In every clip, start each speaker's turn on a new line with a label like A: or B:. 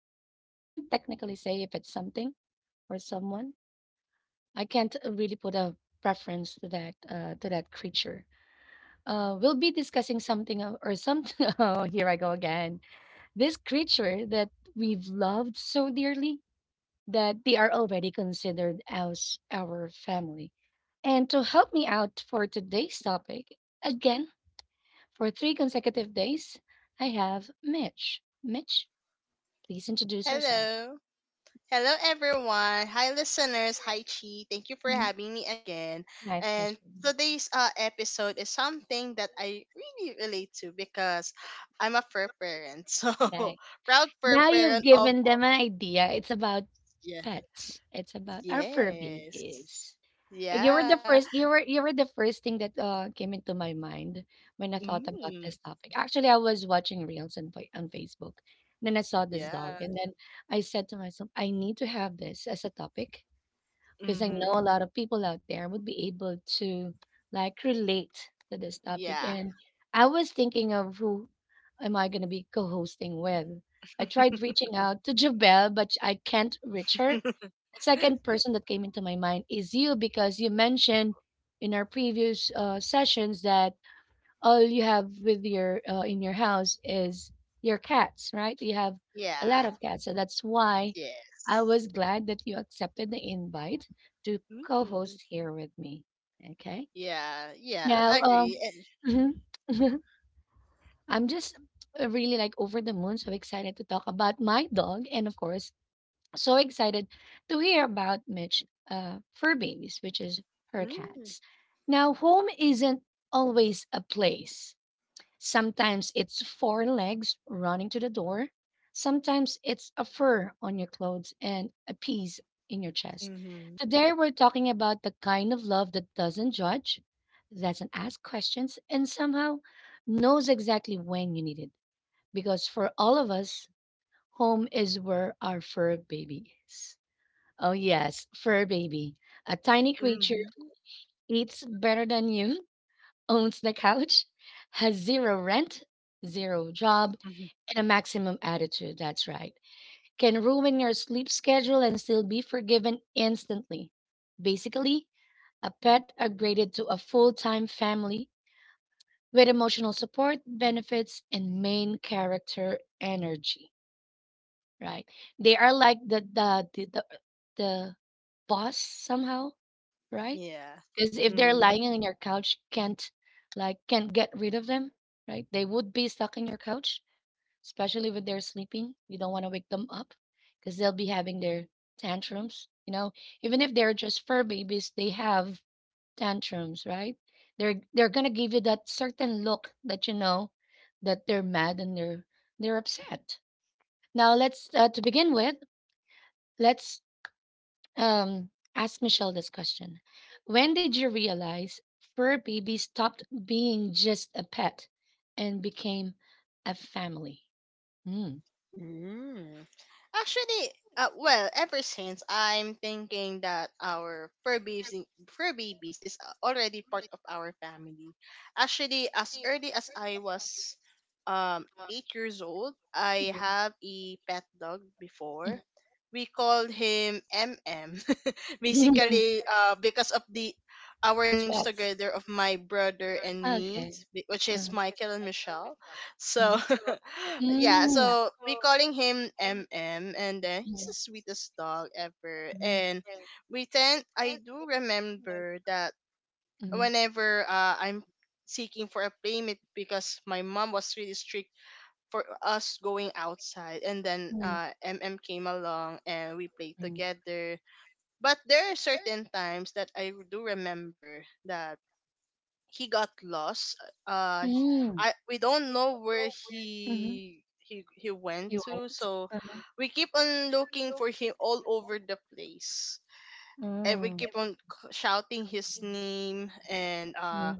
A: someone. I can't technically say if it's something or someone. I can't really put a preference to that creature. We'll be discussing something of- or something. Oh, here I go again. This creature that we've loved so dearly that they are already considered as our family. And to help me out for today's topic, again, for 3 consecutive days, I have Mitch. Mitch, please introduce yourself.
B: Hello. Hello, everyone. Hi, listeners. Hi, Chi. Thank you for
A: Mhm.
B: having me again.
A: My
B: And
A: pleasure.
B: today's episode is something that I really relate to because I'm a fur parent. So,
A: Right.
B: proud fur
A: Now you've
B: parent of.
A: given them an idea. It's about
B: Yeah.
A: pets, it's about our fur
B: Yes.
A: babies. You were the
B: Yeah.
A: first you were the first thing that came into my mind when I thought about
B: Mm.
A: this topic. Actually, I was watching reels on on Facebook. Then I saw this dog,
B: Yeah.
A: and then I said to myself, I need to have this as a topic because I
B: Mm-hmm.
A: know a lot of people out there would be able to like relate to this topic.
B: Yeah.
A: And I was thinking of who am I going to be co-hosting with. I tried reaching out to Jabel, but I can't reach her. The second person that came into my mind is you because you mentioned in our previous sessions that all you have with your in your house is your cats, right? You have a lot
B: Yeah.
A: of cats, so that's why I
B: Yes.
A: was glad that you accepted the invite to
B: Mm.
A: co-host here with me. Okay.
B: Yeah. Yeah.
A: Now,
B: Agree.
A: mhm, I'm just really like over the moon, so excited to talk about my dog and of course so excited to hear about Mitch fur babies, which is her cats. Now, home isn't always a place. Sometimes it's four legs running to the door. Sometimes it's a fur on your clothes and a piece in your chest.
B: Mm-hmm.
A: Today, we're talking about the kind of love that doesn't judge, doesn't ask questions, and somehow knows exactly when you need it. Because for all of us, home is where our fur baby is. Oh, yes, fur baby. A tiny creature
B: Mhm.
A: who eats better than you, owns the couch, has zero rent, zero job,
B: Mhm.
A: and a maximum attitude. That's right. Can ruin your sleep schedule and still be forgiven instantly. Basically, a pet upgraded to a full time family with emotional support, benefits, and main character energy. Right? They are like the boss somehow, right?
B: Yeah.
A: Because if they're
B: Mm.
A: lying on your couch, can't get rid of them, right? They would be stuck in your couch, especially when they're sleeping. You don't want to wake them up because they'll be having their tantrums. Even if they're just fur babies, they have tantrums, right? They're gonna give you that certain look that you know that they're mad and they're upset. Now let's to begin with, let's um, ask Michelle this question. When did you realize fur baby stopped being just a pet and became a family? Mm.
B: Mm. Actually, well, ever since I'm thinking that our fur babies is already part of our family. Actually, as early as I was 8 years old, I
A: Mhm.
B: have a pet dog before. We called him M M. Basically, because of the our names
A: Swap.
B: together of my brother and me,
A: Okay.
B: which is
A: Mm,
B: Michael and Michelle.
A: mhm.
B: So, yeah,
A: Mm, mhm,
B: so we calling him mm, and then he's the
A: mhm,
B: sweetest dog ever.
A: mhm,
B: And we tend I do remember that whenever I'm seeking for a playmate because my mom was really strict for us going outside, and then
A: mhm,
B: mm came along and we played
A: mhm.
B: together. But there are certain times that I do remember that he got lost. Uh, he-
A: Mm,
B: I we don't know where
A: mhm.
B: he went
A: You
B: to,
A: went?
B: so we keep on looking for him all over the place, and we
A: Mm,
B: keep on shouting his name, and
A: mhm,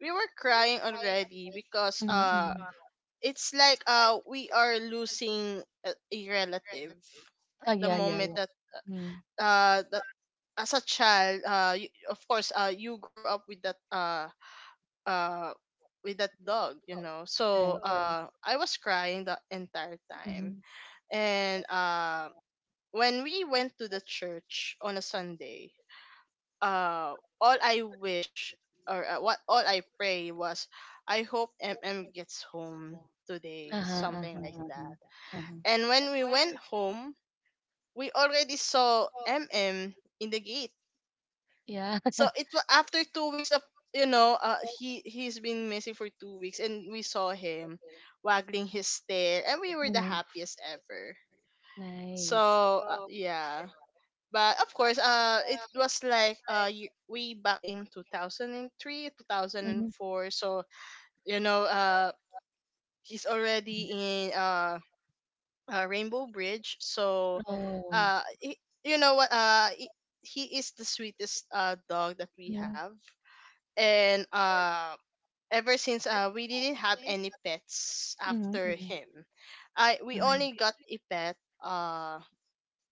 B: we were crying already because
A: mhm, mhm.
B: it's like we are losing a relative.
A: Oh,
B: The
A: yeah, yeah,
B: moment
A: yeah.
B: that
A: Mm.
B: uh that as a child, you, of course, you grew up with that uh dog. So
A: Right, right.
B: I was crying the entire time.
A: Mhm.
B: And when we went to the church on a Sunday, uh, all I wish or what all I pray was, I hope MM gets home today,
A: Uh-huh,
B: something
A: uh-huh,
B: like that.
A: uh-huh, uh-huh.
B: And when we went home, we already saw MM in the gate.
A: Yeah.
B: So after 2 weeks of he's been missing for 2 weeks, and we saw him waggling his tail, and we were the
A: Mhm.
B: happiest ever.
A: Nice.
B: So yeah, but of course it was like way back in 2003,
A: Mhm.
B: 2004. So you know uh he's already in rainbow bridge. So
A: So.
B: he, you know what, he is the sweetest dog that we
A: Oh.
B: have. And ever since we didn't have any pets
A: Mhm, mhm,
B: after
A: mhm,
B: him. I we only got a pet uh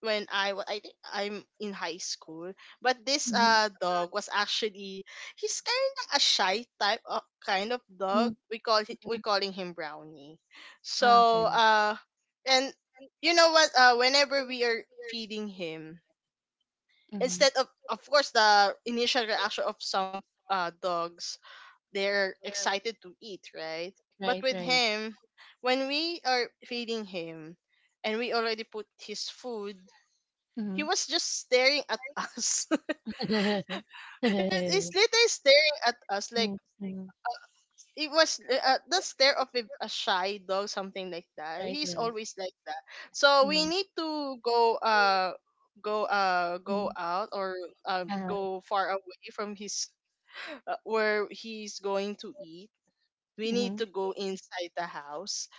B: when I think I'm in high school. But this
A: mhm,
B: dog was actually, he's kind of a shy type of kind of
A: mhm, always
B: dog.
A: mhm.
B: We calling him Brownie.
A: Ah, so
B: So
A: okay.
B: and you know what, whenever we are feeding him,
A: Mhm.
B: instead of course, the initial reaction of some dogs, they're excited to eat, right? But
A: Right,
B: with
A: right.
B: him, when we are feeding him and we already put his food, he
A: Mhm.
B: was just staring at us.
A: Mhm,
B: He's literally staring at us like
A: mhm.
B: it was the stare of a shy dog, something like that.
A: Right,
B: He's
A: right.
B: always like that. So we
A: Mhm,
B: need to go
A: mhm.
B: out, or
A: Uh-huh,
B: go far away from his where he's going to eat. We need
A: mhm.
B: to go inside the house,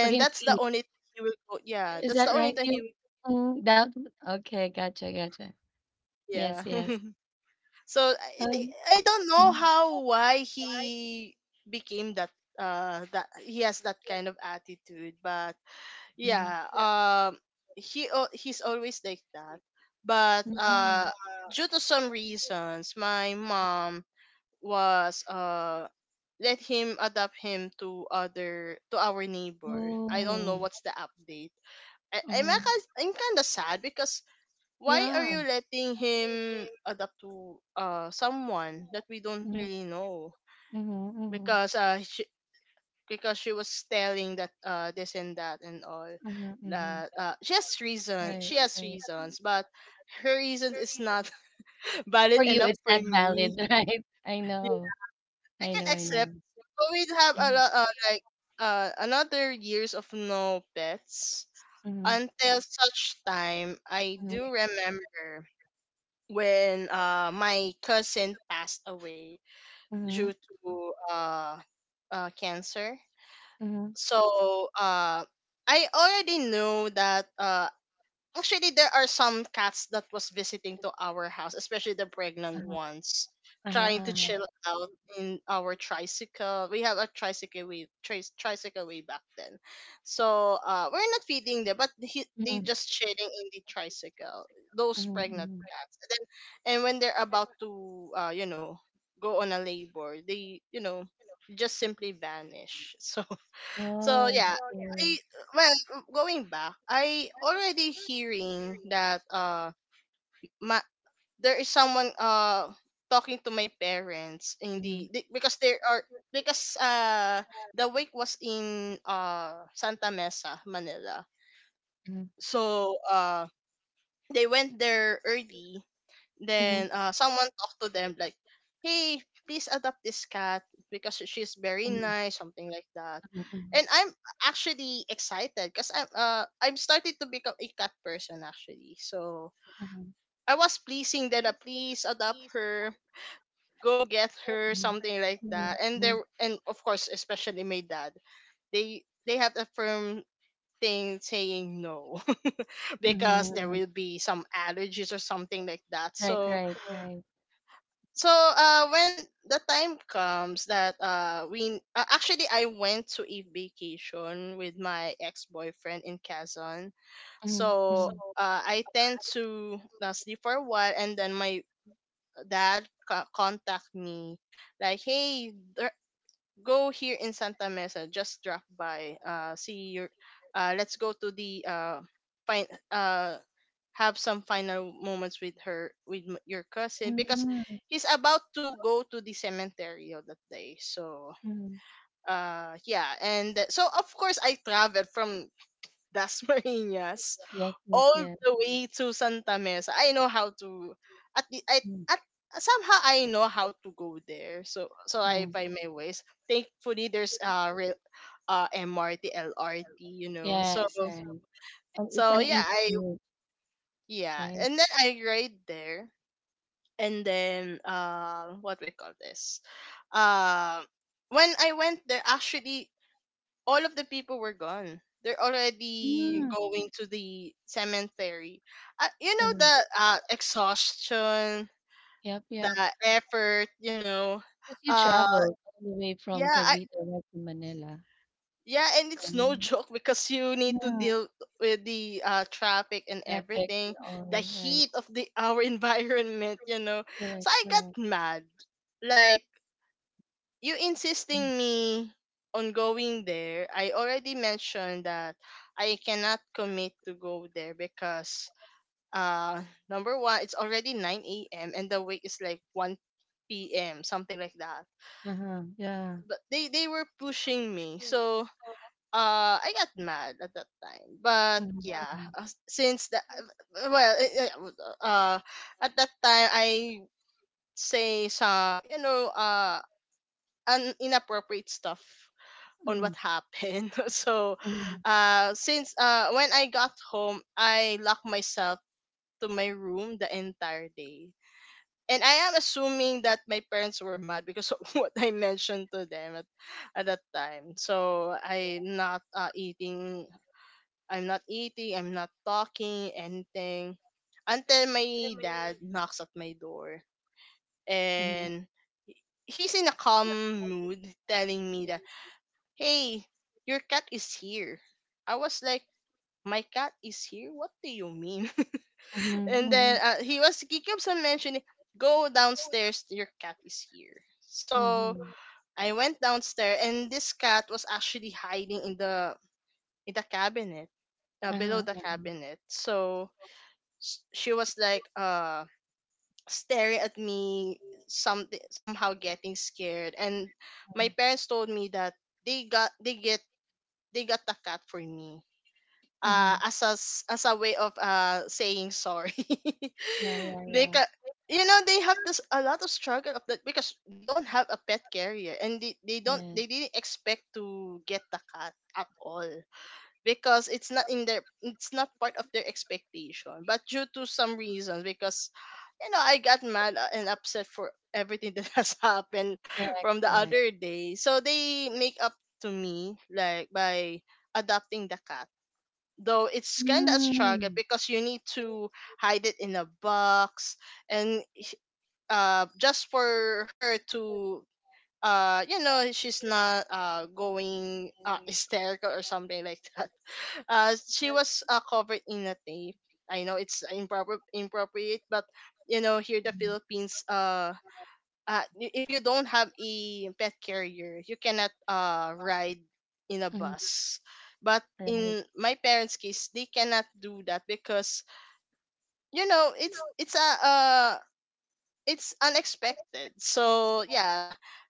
A: For him to
B: that's the
A: eat.
B: only thing he will go. Yeah,
A: Is
B: that's the
A: that
B: only
A: right,
B: thing he
A: you?
B: will.
A: Mm, that okay, gotcha, gotcha. Yes,
B: Yeah.
A: yes.
B: So
A: Um,
B: I don't know
A: mhm,
B: how why he became that he has that kind of attitude. But yeah, he's always like that. But
A: mhm.
B: due to some reasons, my mom was let him adapt him to other to our neighbor. I don't know
A: Oh,
B: what's the update.
A: uh-huh.
B: I'm kind of sad because why are
A: Yeah.
B: you letting him adapt to someone that we don't
A: Mm-hmm.
B: really know?
A: Mhm, mhm,
B: Because uh she, because she was telling that this and that and all
A: mhm, mhm.
B: that
A: Right,
B: she has
A: right.
B: reasons. But her reason is not valid
A: For you,
B: enough
A: it's
B: for
A: not
B: me.
A: valid, right? I know.
B: I
A: I
B: can
A: know, I
B: accept,
A: know.
B: but we'd have a
A: Mhm,
B: lot, like another years of no pets
A: mhm,
B: until such time. I do remember when my cousin passed away
A: mhm,
B: due to cancer. So I already knew that actually, there are some cats that was visiting to our house, especially the pregnant
A: uh-huh,
B: ones,
A: uh-huh,
B: trying to
A: uh-huh.
B: chill out in our tricycle. We have a tricycle way, tricycle way back then, so we're not feeding them, but
A: Sorry.
B: they
A: Mhm,
B: just chilling in the tricycle. Those pregnant
A: mhm,
B: cats. And then, and when they're about to, go on a labor, they, just simply vanish. So,
A: Sorry.
B: yeah. I well, going back, I already hearing that my there is someone talking to my parents, in
A: Mhm, mhm,
B: the because there are because the wake was in Santa Mesa, Manila. So they went there early.
A: mhm,
B: Then someone talked to them like, hey, please adopt this cat because she's very
A: mhm,
B: nice, something like that.
A: mhm, mhm,
B: And I'm actually excited because I'm starting to become a cat person actually. So
A: uh-huh,
B: I was pleasing them that, please adopt her, go get her,
A: mhm,
B: something like that. And
A: mhm,
B: there and of course, especially my dad, they have a firm thing saying no,
A: mhm,
B: because there
A: mhm.
B: will be some allergies or something like that.
A: Right,
B: So
A: right, right.
B: when the time comes that we actually I went to a vacation with my ex-boyfriend in Quezon.
A: Mhm,
B: So I tend to, sleep for a while, and then my dad contact me like, hey, go here in Santa Mesa, just drop by. See your. Let's go to the fine. Uh, have some final moments with her, with your cousin, because he's about to go to the cemetery on that day. So,
A: mhm.
B: yeah. And so of course I traveled from Das Marinas
A: Yes, yes,
B: all
A: yes.
B: the way to Santa Mesa. I know how to at the I
A: Mm.
B: at somehow I know how to go there. So I find my ways. Thankfully there's rail, MRT, LRT, you know. So
A: Yes, right. And it's
B: so
A: an
B: yeah,
A: easy
B: I
A: commute,
B: yeah.
A: right?
B: And then I ride there. And then what we call this? Uh when I went there, actually, all of the people were gone. They're already
A: Mm.
B: going to the cemetery. You
A: Uh,
B: know, the exhaustion,
A: yep,
B: the
A: yep.
B: effort. You know,
A: 'Cause you
B: uh,
A: traveled all the way from
B: yeah, I,
A: Cavite right to Manila.
B: yeah, and it's no
A: Mm,
B: joke because you need to
A: yeah,
B: deal with the traffic and
A: traffic
B: everything,
A: and
B: the
A: all, right.
B: heat of the our environment. You know,
A: Correct,
B: so I got
A: correct.
B: mad. Like, you
A: Mm,
B: insisting me on going there, I already mentioned that I cannot commit to go there because uh number one, it's already 9 a.m., and the wake is like 1 p.m., something like that.
A: uh-huh, yeah.
B: But they were pushing me. So I got mad at that time. But yeah,
A: Mhm,
B: since that well eh, eh, uh at that time I say some an inappropriate stuff on
A: mhm,
B: what happened. So,
A: mhm,
B: since when I got home, I locked myself to my room the entire day. And I am assuming that my parents were mad because of what I mentioned to them at that time. So I'm not eating, I'm not talking, anything, until my dad knocks at my door.
A: mhm,
B: And he's in a calm mood, telling me that, hey, your cat is here. I was like, my cat is here? What do you mean?
A: mhm,
B: And
A: mhm,
B: then
A: mhm,
B: he keeps on mentioning, go downstairs, your cat is here. So
A: mhm,
B: I went downstairs, and this cat was actually hiding in in the cabinet, below the
A: uh-huh,
B: cabinet. So she was like, staring at me, somehow getting scared. And
A: uh-huh,
B: my parents told me that they got, they get, they got the cat for me,
A: mhm.
B: as as a way of saying sorry.
A: Yeah, yeah,
B: they
A: yeah.
B: ca- they have this a lot of struggle of that because they don't have a pet carrier, and they don't
A: Yeah.
B: they didn't expect to get the cat at all because it's not part of their expectation. But due to some reasons, because I got mad, and upset for everything that has happened
A: Correct,
B: from the
A: correct.
B: other day. So they make up to me like by adopting the cat, though it's kind of a
A: Mm,
B: struggle because you need to hide it in a box and just for her to she's not going hysterical or something like that. She was covered in a tape. I know it's improper, inappropriate, but here the Philippines, if you don't have a pet carrier, you cannot, ride in a
A: mhm,
B: bus. But
A: right,
B: in my parents' case, they cannot do that because it's a, it's unexpected. So yeah,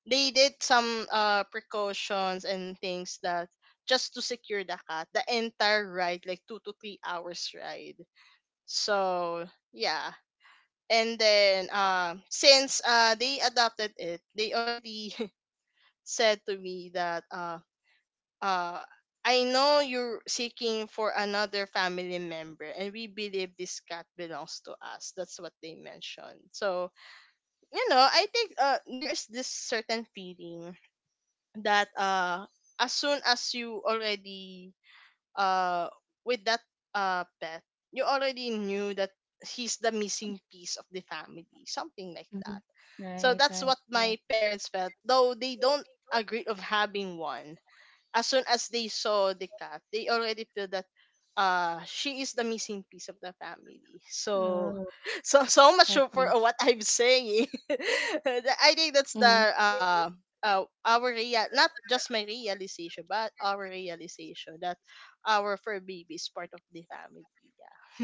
B: they did some precautions and things that just to secure the cat, the entire ride, like 2 to 3 hours ride. So yeah. And then, since they adopted it, they already said to me that uh I know you're seeking for another family member, and we believe this cat belongs to us. That's what they mentioned. So, I think there is this certain feeling that as soon as you already uh with that pet, you already knew that he's the missing piece of the family, something like that.
A: mhm.
B: So that's
A: Right,
B: what
A: right,
B: my
A: right.
B: parents felt, though they don't agree of having one. As soon as they saw the cat, they already feel that she is the missing piece of the family. So
A: Oh,
B: so much
A: that's
B: for
A: neat.
B: what I'm saying. I
A: Mhm,
B: think that's the our real, not just my realization but our realization that our fur baby is part of the family. Yeah.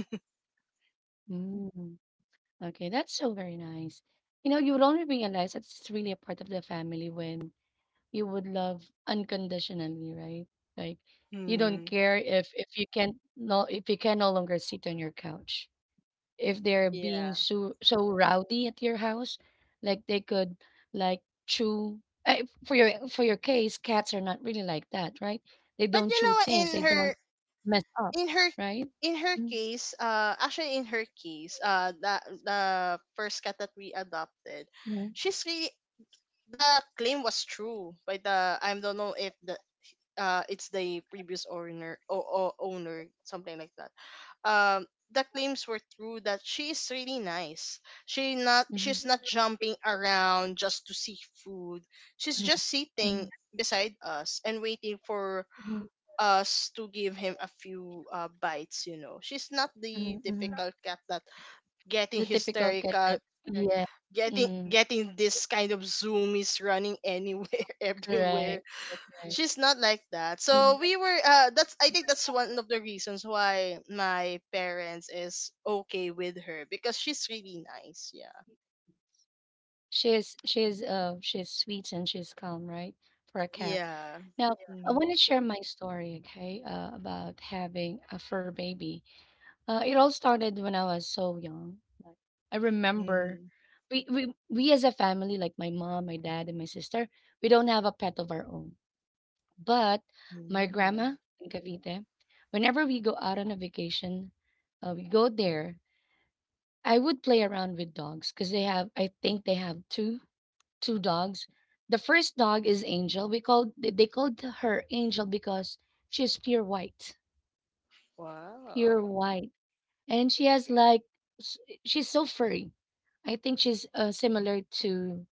A: mm. Okay, that's so very nice. You would only realize that it's really a part of the family when you would love unconditionally, right? Like you don't
B: Mm.
A: care if you can no longer sit on your couch. If they're
B: Yeah.
A: being so rowdy at your house, like they could like chew. For your case, cats are not really like that, right? They
B: But
A: don't
B: you
A: chew
B: know,
A: things, they don't mess up,
B: in her
A: right?
B: in her
A: Mm-hmm.
B: case, actually in her case, the first cat that we adopted,
A: Hmm.
B: she's really, the claim was true by the, I don't know if the it's the previous owner, or owner, something like that. um the claims were true that she is really nice. She's not jumping around just to seek food. She's just sitting
A: Hmm.
B: beside us and waiting for us to give him a few bites. You know, she's not the typical cat that getting
A: The typical cat
B: hysterical,
A: that yeah.
B: getting
A: Mm.
B: getting this kind of zoomies, running anywhere everywhere.
A: Correct. Correct.
B: She's not like that. So
A: Correct.
B: we were that's, I think that's one of the reasons why my parents is okay with her, because she's really nice. Yeah.
A: She's sweet and she's calm, right? For a cat.
B: Yeah.
A: Now, I
B: Mm-hmm.
A: want to share my story, okay, about having a fur baby. It all started when I was so young. Like I remember we as a family, like my mom, my dad, and my sister, we don't have a pet of our own. But my
B: Hmm.
A: grandma in Cavite, whenever we go out on a vacation, we go there. I would play around with dogs because they have, I think they have two two dogs. The first dog is Angel. We called they called her Angel because she's pure
B: Wow.
A: white, and she has like s- she's so furry. I think she's similar to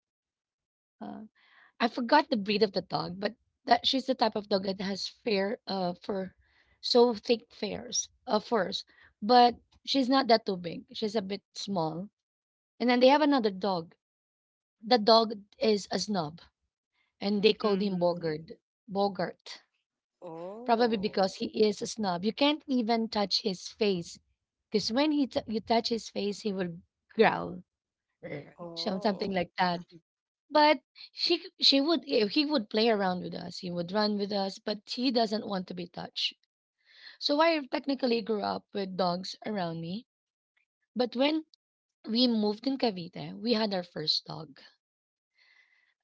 A: uh, I forgot the breed of the dog, but that she's the type of dog that has fair fur, so thick fairs furs, but she's not that too big. She's a bit small. And then they have another dog. The dog is a snob. And they called him
B: Hmm.
A: Bogart. Bogart, probably
B: Oh.
A: because he is a snob. You can't even touch his face because when you touch his face, he will growl, "Grr," something
B: Oh.
A: like that. But she c- she would eh, he would play around with us. He would run with us, but he doesn't want to be touched. So I technically grew up with dogs around me. But when we moved in Cavite, we had our first dog.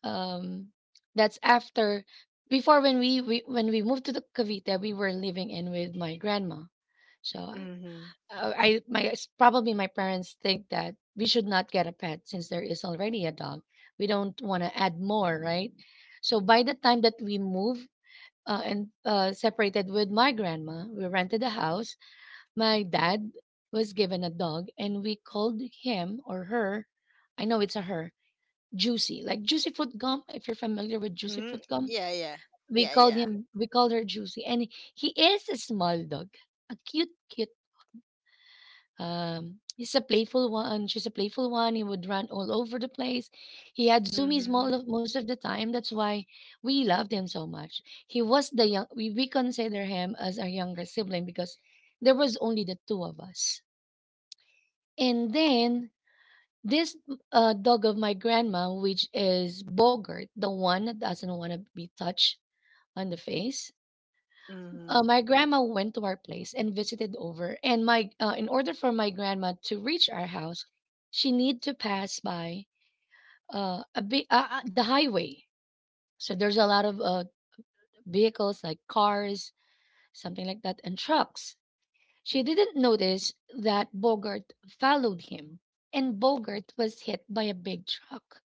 A: um that's after. Before, when we when we moved to the Cavite, we were living in with my grandma, so
B: Hmm.
A: probably my parents think that we should not get a pet since there is already a dog. We don't want to add more, right? So by the time that we moved and separated with my grandma, we rented a house. My dad was given a dog, and we called him or her, I know it's a her, Juicy, like Juicy Fruit Gum. If you're familiar with Juicy
B: Mhm.
A: Fruit Gum,
B: Yeah, yeah.
A: we
B: Yeah,
A: called
B: yeah.
A: him, we called her Juicy, and he is a small dog, a cute, cute. He's a playful one. She's a playful one. He would run all over the place. He had zoomies most
B: Mhm.
A: of, most of the time. That's why we loved him so much. He was the young. We consider him as our younger sibling because there was only the two of us. And then this dog of my grandma, which is Bogart, the one that doesn't want to be touched on the face.
B: Mhm.
A: My grandma went to our place and visited over. And in order for my grandma to reach our house, she need to pass by a big the highway. So there's a lot of vehicles like cars, something like that, and trucks. She didn't notice that Bogart followed him, and Bogart was hit by a big truck.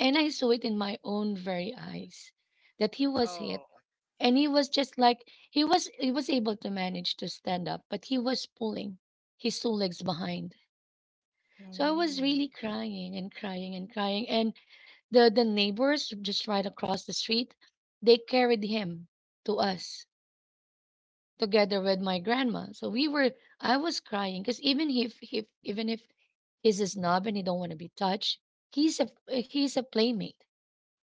A: And I saw it in my own very eyes that he was hit.
B: Oh.
A: And he was just like he was able to manage to stand up, but he was pulling his two legs behind. So I was
B: Mhm.
A: really crying and crying and crying. And the neighbors just right across the street they carried him to us together with my grandma, so we were I was crying because even if he's a snob and he don't want to be touched, he's a playmate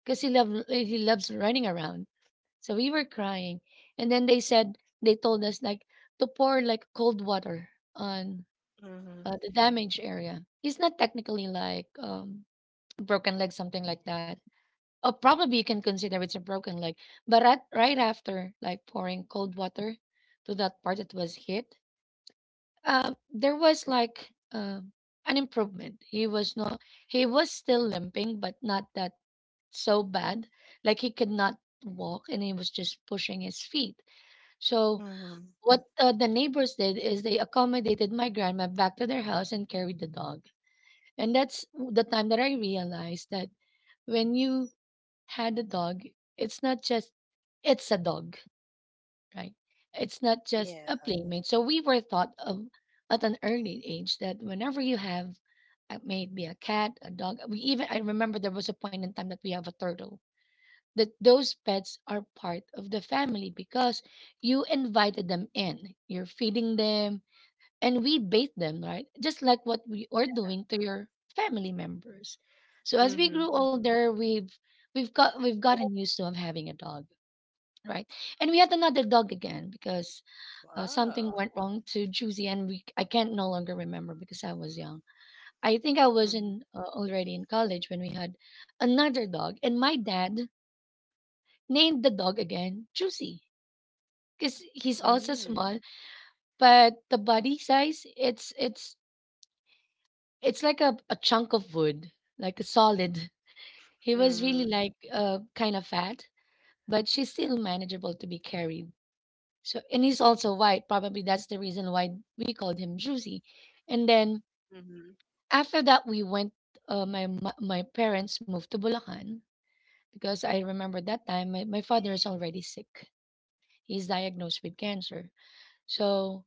A: because he loves running around. So we were crying, and then they told us like to pour like cold water on
B: Mhm.
A: the damaged area. It's not technically like broken leg something like that. Or probably you can consider it's a broken leg, but right after like pouring cold water to that part that was hit, there was like an improvement. He was not. He was still limping, but not that so bad. Like he could not walk, and he was just pushing his feet. So
B: Mhm.
A: what the neighbors did is they accommodated my grandma back to their house and carried the dog. And that's the time that I realized that when you had a dog, it's not just it's a dog, right? It's not just a
B: Yeah.
A: playmate. So we were taught of at an early age that whenever you have maybe a cat, a dog, we even, I remember there was a point in time that we have a turtle. That those pets are part of the family because you invited them in. You're feeding them and we bathe them, right? Just like what we are doing to your family members. So as we grew
B: Mhm.
A: older, we've gotten used to of having a dog, right? And we had another dog again because something
B: Wow.
A: went wrong to Juicy, and we, I can't no longer remember because I was young. I think I was
B: Mhm.
A: in already in college when we had another dog, and my dad named the dog again Juicy because he's also
B: Mhm.
A: small, but the body size, it's like a chunk of wood, like a solid. He was really
B: Mhm.
A: like kind of fat, but she's still manageable to be carried. So and he's also white. Probably that's the reason why we called him Juicy. And then
B: Mhm.
A: after that, we went. My my parents moved to Bulacan because I remember that time my, my father is already sick. He's diagnosed with cancer. So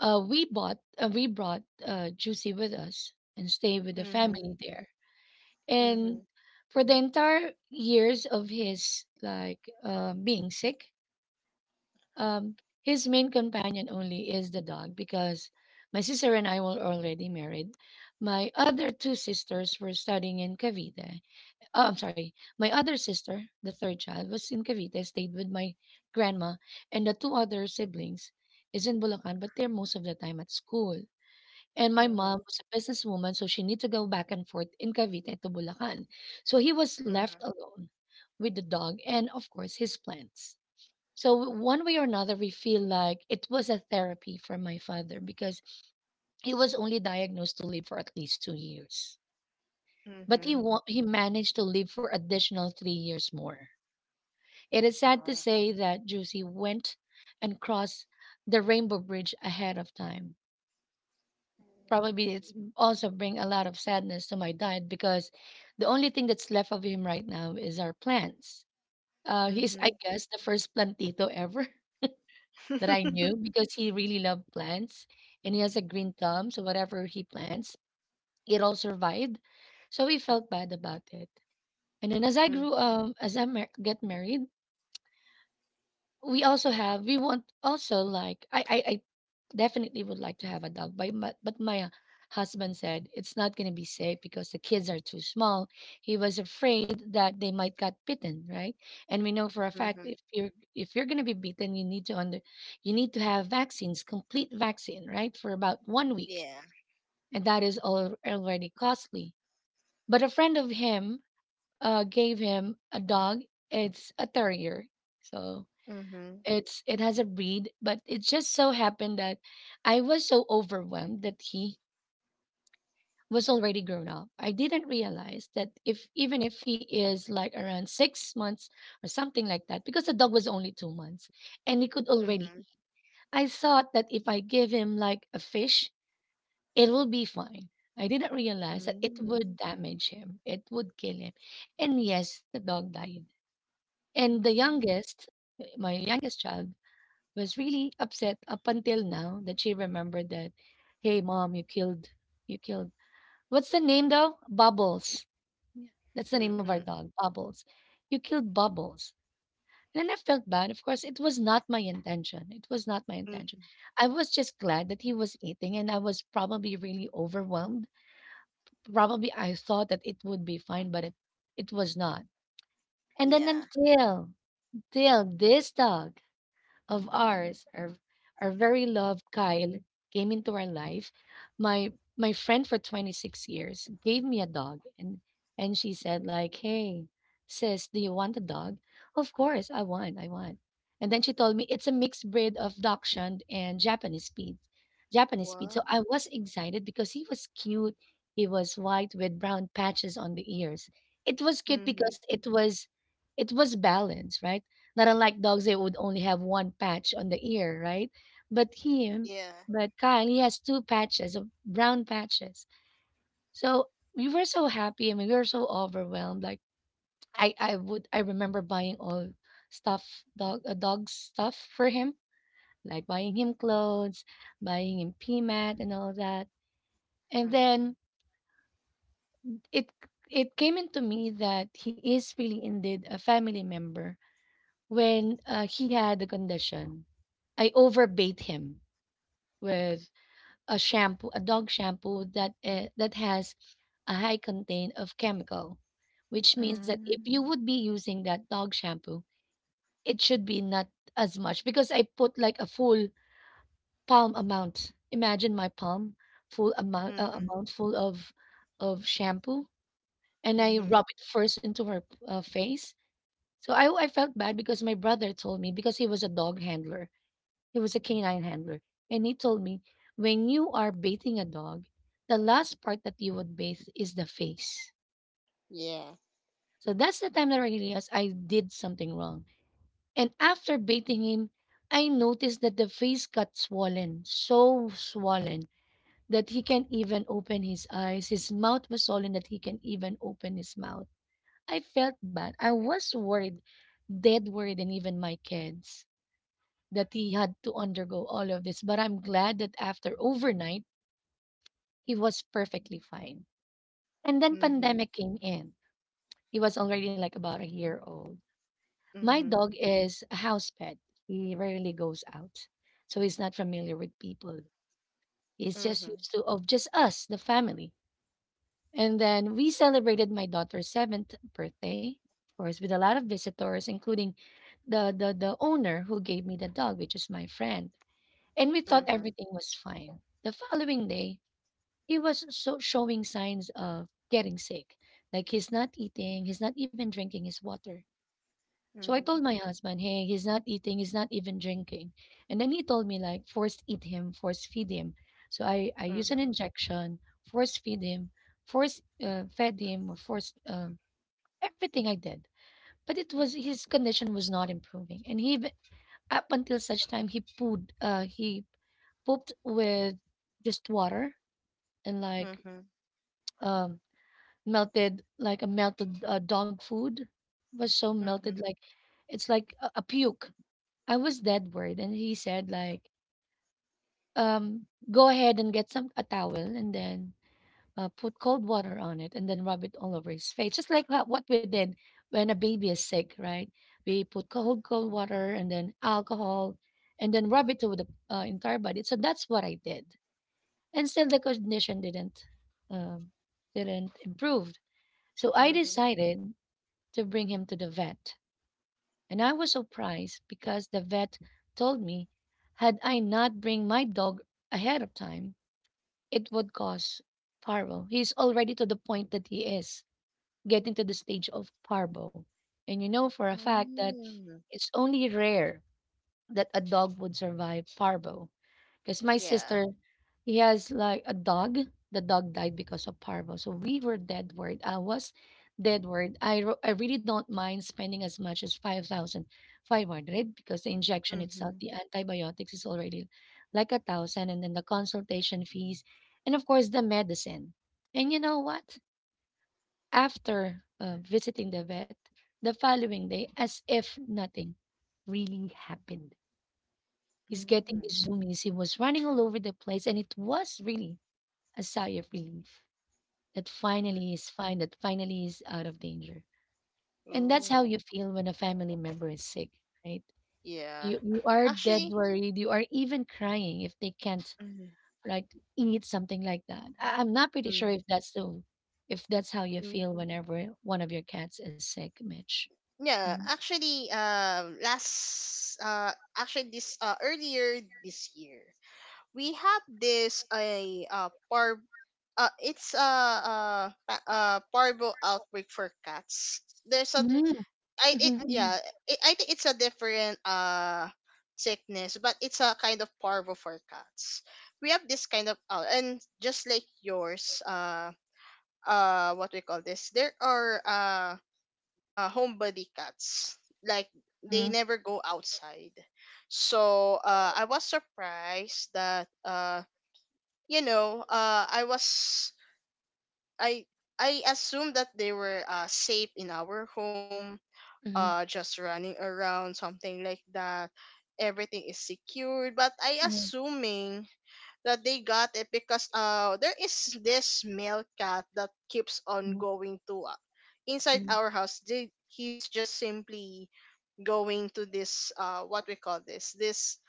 A: we brought Juicy with us and stayed with the family there. And
B: Mhm.
A: for the entire years of his like being sick,
B: Mhm.
A: um, his main companion only is the dog because my sister and I were already married. My other two sisters were studying in Cavite. Oh, I'm sorry. My other sister, the third child, was in Cavite, stayed with my grandma, and the two other siblings is in Bulacan, but they're most of the time at school. And my mom
B: Mhm.
A: was a businesswoman, so she need to go back and forth in Cavite to Bulacan. So he was left
B: Mhm.
A: alone with the dog and, of course, his plants. So one way or another, we feel like it was a therapy for my father because he was only diagnosed to live for at least 2 years, but
B: Mhm.
A: he managed to live for additional 3 years more. It is sad to
B: Wow.
A: say that Juicy went and crossed the Rainbow Bridge ahead of time. Probably
B: Mhm.
A: it's also bring a lot of sadness to my dad because the only thing that's left of him right now is our plants. He's, I
B: Mhm.
A: guess, the first plantito ever that I knew because he really loved plants and he has a green thumb. So whatever he plants, it all survived. So we felt bad about it. And then as I grew
B: Mhm.
A: as I get married, we want also, like I definitely would like to have a dog, but my husband said it's not going to be safe because the kids are too small. He was afraid that they might get bitten, right? And we know for a fact if you're going to be bitten, you need to have vaccines, complete vaccine, right, for about 1 week,
B: Yeah.
A: and that is all already costly. But a friend of him gave him a dog. It's a terrier. So
B: Mhm.
A: it has a breed, but it just so happened that I was so overwhelmed that he was already grown up. I didn't realize that if even if he is like around 6 months or something like that, because the dog was only 2 months and he could already eat.
B: Mhm.
A: I thought that if I give him like a fish, it will be fine. I didn't realize that it
B: Mhm.
A: would damage him. It would kill him. And yes, the dog died. And
B: Mhm.
A: my youngest child was really upset up until now that she remembered that, "Hey, mom, you killed, you killed. What's the name though? Bubbles." Yeah, that's the name of our
B: Mhm.
A: dog, Bubbles. "You killed Bubbles." And then I felt bad. Of course, it was not my intention. It was not my
B: Mm.
A: intention. I was just glad that he was eating, and I was probably really overwhelmed. Probably I thought that it would be fine, but it was not. And then
B: Yeah.
A: until this dog of ours, our very loved Kyle, came into our life. My my friend for 26 years gave me a dog and she said like, "Hey, sis, do you want a dog?" Of course, I want. I want. And then she told me it's a mixed breed of dachshund and Japanese speed. Japanese speed. So I
B: Wow.
A: was excited because he was cute. He was white with brown patches on the ears. It was cute
B: Mhm.
A: because it was balanced, right? Not unlike dogs, they would only have one patch on the ear, right? But him,
B: Yeah.
A: but Kyle, he has two patches of brown patches. So we were so happy. I mean, we were so overwhelmed. Like I remember buying all stuff, dog stuff for him, like buying him clothes, buying him pee mat and all that. And
B: Mhm.
A: then it it came into me that he is really indeed a family member when he had the condition. I overbait him with a shampoo, a dog shampoo that that has a high content of chemical, which means that if
B: Mm.
A: you would be using that dog shampoo, it should be not as much because I put like a full palm amount. Imagine my palm full amount, uh,
B: Mhm.
A: amount full of shampoo, and I
B: Mhm.
A: rub it first into her face. So I felt bad because my brother told me, because he was a dog handler. He was a canine handler. And he told me, when you are bathing a dog, the last part that you would bathe is the face.
B: Yeah.
A: So that's the time that I realized I did something wrong. And after bathing him, I noticed that the face got swollen, so swollen that he can't even open his eyes. His mouth was swollen that he can't even open his mouth. I felt bad. I was worried, dead worried, and even my kids, that he had to undergo all of this. But I'm glad that after overnight, he was perfectly fine. And then
B: Mhm.
A: pandemic came in. He was already like about a year old. My
B: Mhm.
A: dog is a house pet. He rarely goes out. So he's not familiar with people. He's just
B: Mhm.
A: used to of just us, the family. And then we celebrated my daughter's seventh birthday, of course, with a lot of visitors, including the owner who gave me the dog, which is my friend. And we thought
B: Mhm.
A: everything was fine. The following day, he was so showing signs of getting sick. Like he's not eating, he's not even drinking his water. So I
B: Mhm.
A: told my husband, "Hey, he's not eating, he's not even drinking." And then he told me like force eat him, force feed him. So I use an
B: Mhm.
A: injection, force feed him, force fed him, or force everything I did. But it was his condition was not improving, and up until such time he pooed, he pooped with just water and like
B: Mhm.
A: um melted, like a melted dog food. It was so melted,
B: Mhm.
A: like it's like a puke. I was dead worried and he said like, um "Go ahead and get some a towel and then put cold water on it and then rub it all over his face, just like what we did when a baby is sick, right? We put cold water and then alcohol and then rub it to the entire body." So that's what I did, and still the condition didn't, um, didn't improve. So I
B: Mhm.
A: decided to bring him to the vet. And I was surprised because the vet told me had I not bring my dog ahead of time, it would cause parvo. He's already to the point that he is getting to the stage of parvo. And you know for a fact that
B: Mm.
A: it's only rare that a dog would survive parvo. Because my
B: Yeah.
A: sister, he has like a dog. The dog died because of parvo. So we were dead worried. I was dead worried. I really don't mind spending as much as 5,500 because the injection itself,
B: Mhm.
A: the antibiotics is already like a thousand. And then the consultation fees. And of course, the medicine. And you know what? After visiting the vet the following day, as if nothing really happened. He's getting
B: Mhm.
A: his zoomies. He was running all over the place, and it was really a sigh of relief that finally
B: Mhm.
A: he's fine, that finally he's out of danger. And that's how you
B: Ooh.
A: feel when a family member is sick, right?
B: Yeah.
A: You are dead
B: Actually.
A: worried. You are even crying if they can't
B: Mhm.
A: like eat something like that. I'm not pretty sure if
B: Mhm.
A: that's the if that's how you
B: Mm.
A: feel whenever one of your cats is sick, Mitch.
B: Yeah.
A: Mhm,
B: Actually. Last. Actually, this. Earlier this year, we have this a par it's a parvo outbreak for cats. There's a
A: mhm,
B: I it
A: mhm,
B: yeah, I think it's a different sickness, but it's a kind of parvo for cats. We have this kind of and just like yours, what we call this, there are homebody cats, like they never go outside. So I was surprised that you know, I was, I I assume that they were safe in our home,
A: mhm, mhm,
B: just running around, something like that. Everything is secured, but I
A: mhm,
B: assuming that they got it because there is this male cat that keeps on going to inside
A: mhm,
B: our house. He's just simply going to this what we call this, this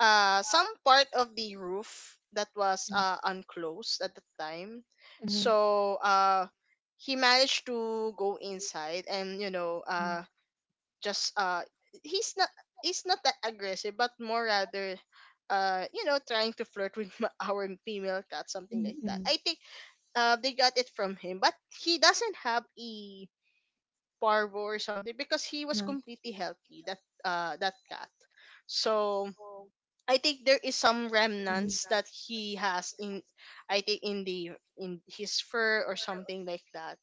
B: some part of the roof that was unclosed at the time.
A: mhm, mhm,
B: So he managed to go inside, and you know, just he's not, he's not that aggressive, but more rather you know, trying to flirt with our female cat, something like that.
A: mhm,
B: I think they got it from him, but he doesn't have a parvo or something, because he was
A: mhm,
B: completely healthy, that that cat. So I think there is some remnants that he has in, I think in the, in his fur or something like that.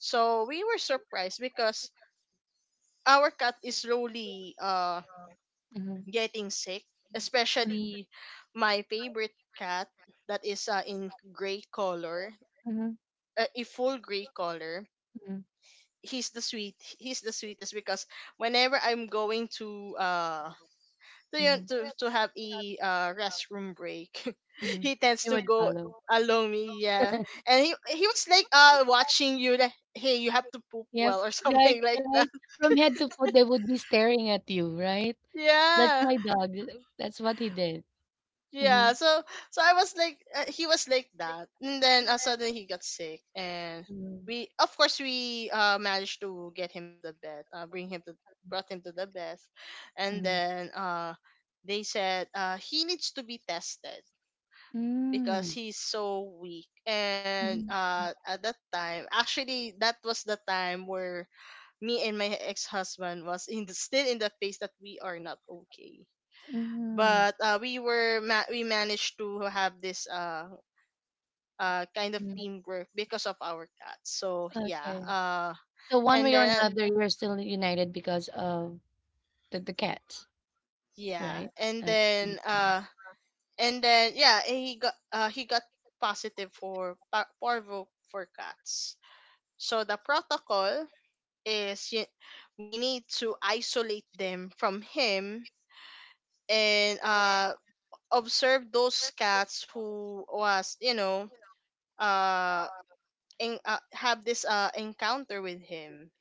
B: So we were surprised because our cat is slowly
A: mhm,
B: getting sick, especially my favorite cat that is in gray color,
A: mhm.
B: a full gray color.
A: Mhm,
B: He's the sweetest because whenever I'm going to uh
A: mhm,
B: to have a restroom break,
A: mhm.
B: he tends to go along me, yeah. And he was like watching you like, "Hey, you have to poop
A: Yeah,
B: well," or
A: fr
B: something
A: Right,
B: like that.
A: right. From head to foot, they would be staring at you, right? That's
B: Yeah.
A: my dog. That's what he did.
B: Yeah.
A: Mhm,
B: So so I was like he was like that. And then suddenly he got sick, and
A: mhm,
B: we, of course we managed to get him to the bed. Bring him to Brought him to the bed. And
A: mhm.
B: then they said he needs to be tested because
A: Mm,
B: he's so weak. And
A: mhm,
B: at that time, actually, that was the time where me and my ex-husband was in the, still in the phase that we are not okay.
A: mhm,
B: But we were we managed to have this kind of
A: mhm.
B: teamwork because of our cat. So yeah,
A: Okay. So one
B: and
A: way or
B: then uh,
A: another, you're still united because of the cat,
B: yeah,
A: right?
B: and
A: Okay,
B: then
A: understand.
B: uh, and then yeah, he got positive for parvo for cats. So the protocol is we need to isolate them from him, and observe those cats who was, you know, uh, have this encounter with him.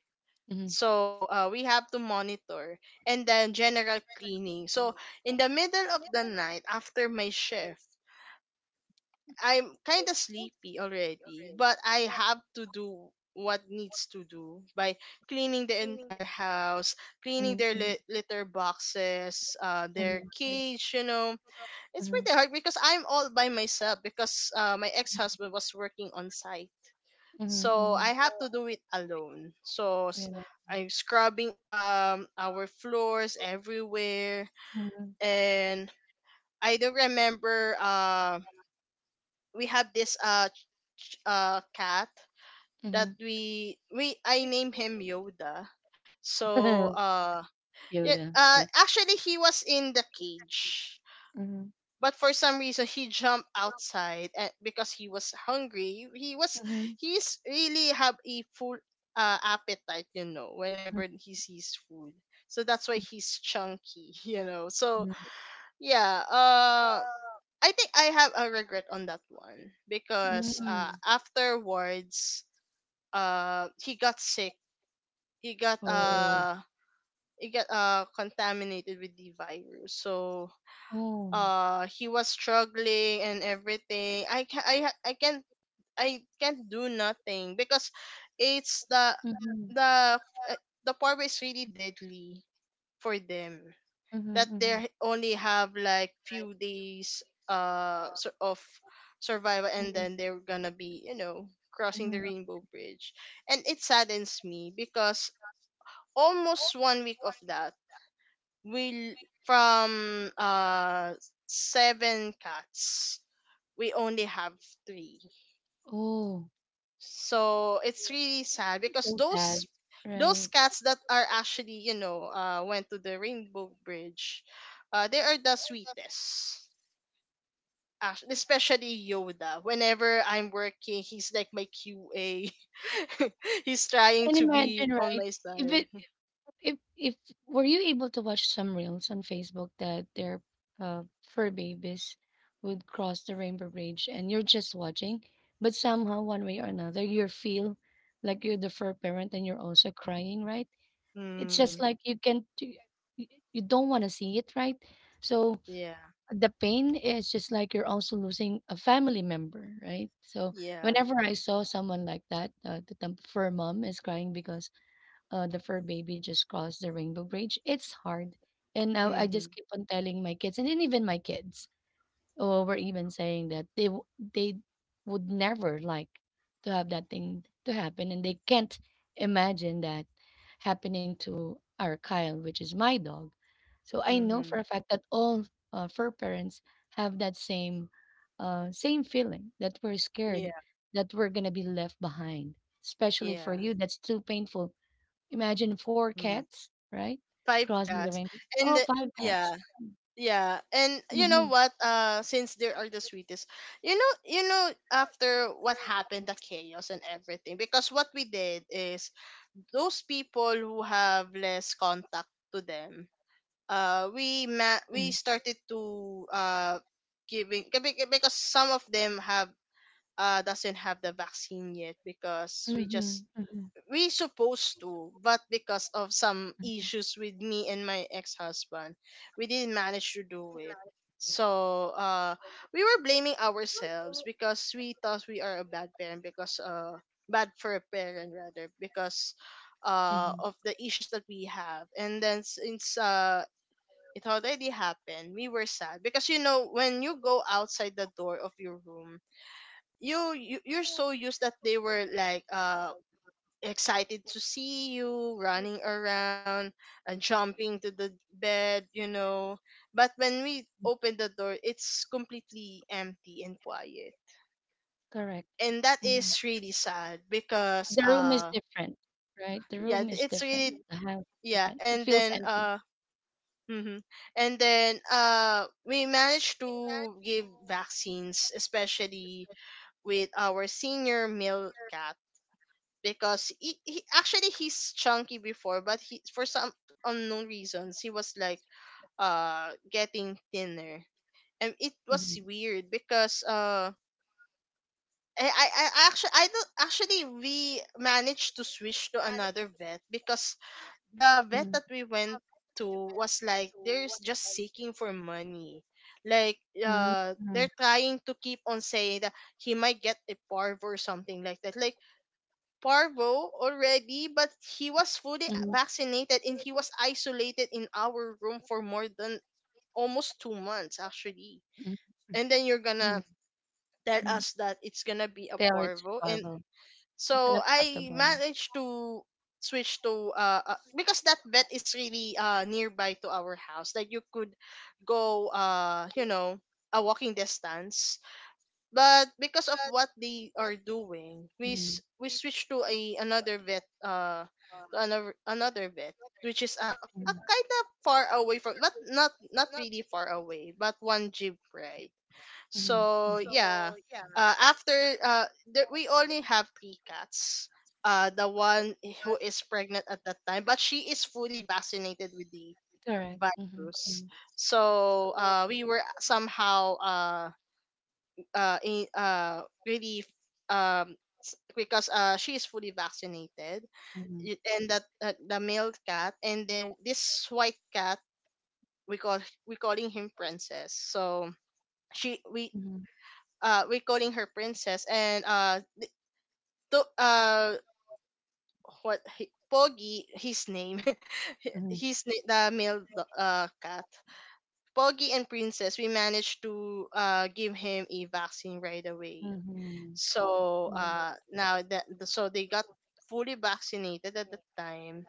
A: Mhm,
B: So we have to monitor, and then general cleaning. So in the middle of the night after my shift, I'm kind of sleepy already, but I have to do what needs to do by cleaning the entire house, cleaning
A: mhm,
B: their
A: mhm,
B: litter boxes, their cage. You know, it's
A: mhm,
B: pretty hard because I'm all by myself, because my ex husband was working on site,
A: mhm,
B: so
A: mhm.
B: I have to do it alone. So
A: Yeah.
B: I'm scrubbing our floors everywhere,
A: Mhm,
B: and I don't remember, we have this cat that
A: mhm.
B: we I name him Yoda. So yeah,
A: Yoda.
B: actually he was in the cage.
A: Mhm,
B: But for some reason he jumped outside, and because he was hungry. He was, he's really have a full appetite, you know,
A: mhm,
B: whenever he sees food. So that's why he's chunky, you know. So yeah, I think I have a regret on that one, because
A: mhm.
B: afterwards he got sick. He got
A: Oh.
B: uh he got contaminated with the virus. So
A: Oh.
B: he was struggling and everything. I can't, I can't do nothing because it's the,
A: Mhm,
B: the uh, the pork is really deadly for them,
A: mhm,
B: that they
A: mhm.
B: only have like few days of survival, and then they're gonna be, you know, crossing the
A: Mhm.
B: rainbow bridge. And it saddens me because almost 1 week of that, we l- from seven cats we only have three.
A: Oh.
B: So it's really sad because
A: So
B: those
A: sad,
B: those
A: right?
B: cats that are actually, you know, went to the rainbow bridge, they are the sweetest. Especially Yoda. Whenever I'm working, he's like my QA. He's trying
A: And
B: to be
A: imagine,
B: on
A: right?
B: my
A: If
B: side.
A: it, if were you able to watch some reels on Facebook that their fur babies would cross the rainbow bridge, and you're just watching, but somehow one way or another you feel like you're the fur parent and you're also crying, right? It's just
B: Mm,
A: like you can't, you don't want to see it, right? So
B: yeah,
A: the pain is just like you're also losing a family member, right? So
B: yeah.
A: whenever I saw someone like that, fur mom is crying because the fur baby just crossed the rainbow bridge. It's hard, and now I just
B: Mhm,
A: keep on telling my kids, and then even my kids or were even saying that they would never to have that thing to happen and they can't imagine that happening to our Kyle, which is my dog. So I know for
B: mhm.
A: a fact that all fur parents have that same same feeling that we're scared
B: Yeah,
A: that we're going to be left behind. Especially for
B: yeah.
A: you, that's too painful. Imagine four
B: Mm.
A: cats, right?
B: Five
A: Crossing the
B: cats,
A: rainbow.
B: and
A: Oh,
B: the-
A: five
B: yeah,
A: cats.
B: yeah. And you know
A: Mm-hmm.
B: what? Since they are the sweetest, you know, after what happened, the chaos and everything. Because what we did is those people who have less contact to them, we
A: Mm-hmm.
B: started to giving because some of them have doesn't have the vaccine yet, because we just,
A: Mm-hmm.
B: we supposed to, but because of some issues with me and my ex-husband, we didn't manage to do it. So we were blaming ourselves because we thought we are a bad parent, because bad for a parent rather, because
A: Mm-hmm.
B: of the issues that we have. And then since it already happened, we were sad because, you know, when you go outside the door of your room, you you're so used that they were like excited to see you, running around and jumping to the bed, you know. But when we open the door, it's completely empty and quiet.
A: Correct.
B: And that is
A: Mhm.
B: really sad, because
A: The room is different, right? The
B: yeah,
A: room is
B: it's really,
A: different. The house is
B: yeah.
A: different. It
B: And
A: feels
B: then
A: empty.
B: Mm-hmm. and then we managed to give vaccines, especially with our senior male cat, because he actually he's chunky before, but he for some unknown reasons he was like getting thinner, and it was
A: Mm-hmm.
B: weird because. I, I, I don't actually we managed to switch to another vet because the vet
A: Mm,
B: that we went to was like they're just seeking for money, like
A: mm,
B: they're trying to keep on saying that he might get a parvo or something like that, like parvo already, but he
A: mm,
B: was fully vaccinated and he was isolated in our room for more than almost 2 months
A: mm,
B: actually, and then you're
A: mm.
B: gonna tell us that it's gonna be a
A: Still, it's
B: parvo. And
A: horrible. It's
B: so I
A: unacceptable.
B: managed to switch to because that vet is really nearby to our house, like you could go you know, a walking distance, but because of what they are doing,
A: Mhm,
B: we switched to a another vet, to another vet, which is a kind of far away from, not really far away, but one jeep ride.
A: mhm.
B: So yeah, uh, after uh, we only have three cats. The one who is pregnant at that time, but she is fully vaccinated with the
A: Correct. Mm-hmm.
B: virus. So we were somehow really um because she is fully vaccinated,
A: Mm-hmm.
B: and that the male cat, and then this white cat we call, we calling him princess, so she we recalling her princess. And to uh Poggy his name,
A: Mm-hmm.
B: his na- the male do- cat Poggy and princess we managed to give him a vaccine right away.
A: Mm-hmm.
B: So now that so they got fully vaccinated at the time,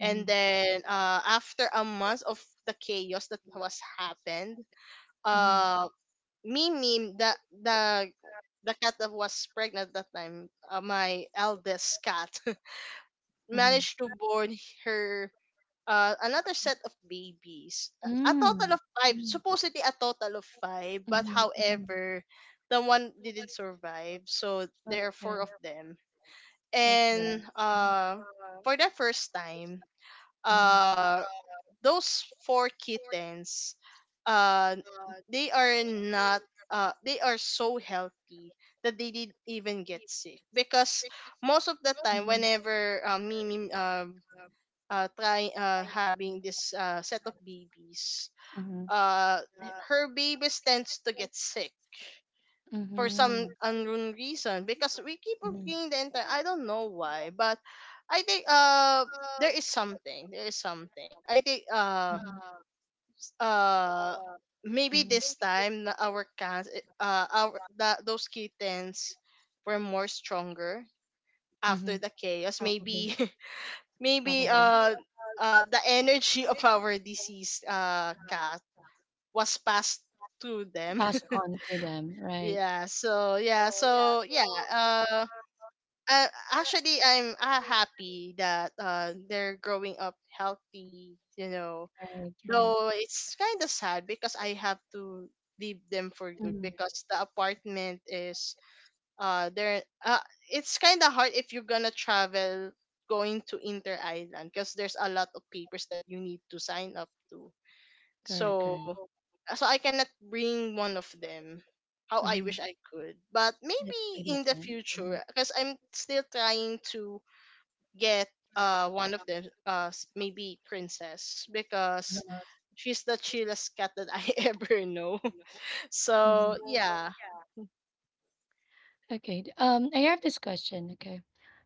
B: and
A: Mm-hmm.
B: then after a month of the chaos that was happened,
A: Mm-hmm.
B: uh Mimi, the the cat that was pregnant that time, my eldest cat,
A: Mm-hmm. Mm-hmm.
B: managed to born her another set of babies. A total
A: Mm-hmm.
B: of five, supposedly a total of five, but
A: Mm-hmm. Mm. Mm. Mhm, mhm.
B: however, the one didn't survive, so there are four
A: Okay,
B: of them.
A: that's bad.
B: And
A: Mm-hmm.
B: for the first time, uh, those four kittens uh they are not they are so healthy that they didn't even get sick, because most of the time whenever Mimi try having this set of babies,
A: Mm-hmm.
B: uh her babies tends to get sick for
A: Mm-hmm.
B: some unknown reason because we keep on cleaning the entire, I don't know why, but I think there is something, I think uh maybe
A: Mm-hmm.
B: this time na our cats, those kittens were more stronger
A: Mm-hmm.
B: after the chaos
A: Probably.
B: maybe. Maybe
A: Probably
B: the energy of our deceased cat was passed to them.
A: passed on to them. Right.
B: yeah so yeah so yeah uh actually, I'm happy that they're growing up healthy, you know.
A: Right. Right.
B: Though it's kind of sad because I have to leave them for good, because the apartment is there it's kind of hard if you're gonna travel going to Inter Island, because there's a lot of papers that you need to sign up to.
A: Correct.
B: So
A: Correct.
B: I cannot bring one of them. How I
A: Mm-hmm.
B: wish I could, but maybe
A: Pretty
B: in the
A: sad.
B: future, because I'm still trying to get one of them, maybe princess, because she's the chillest cat that I ever know. So yeah.
A: I have this question. Okay.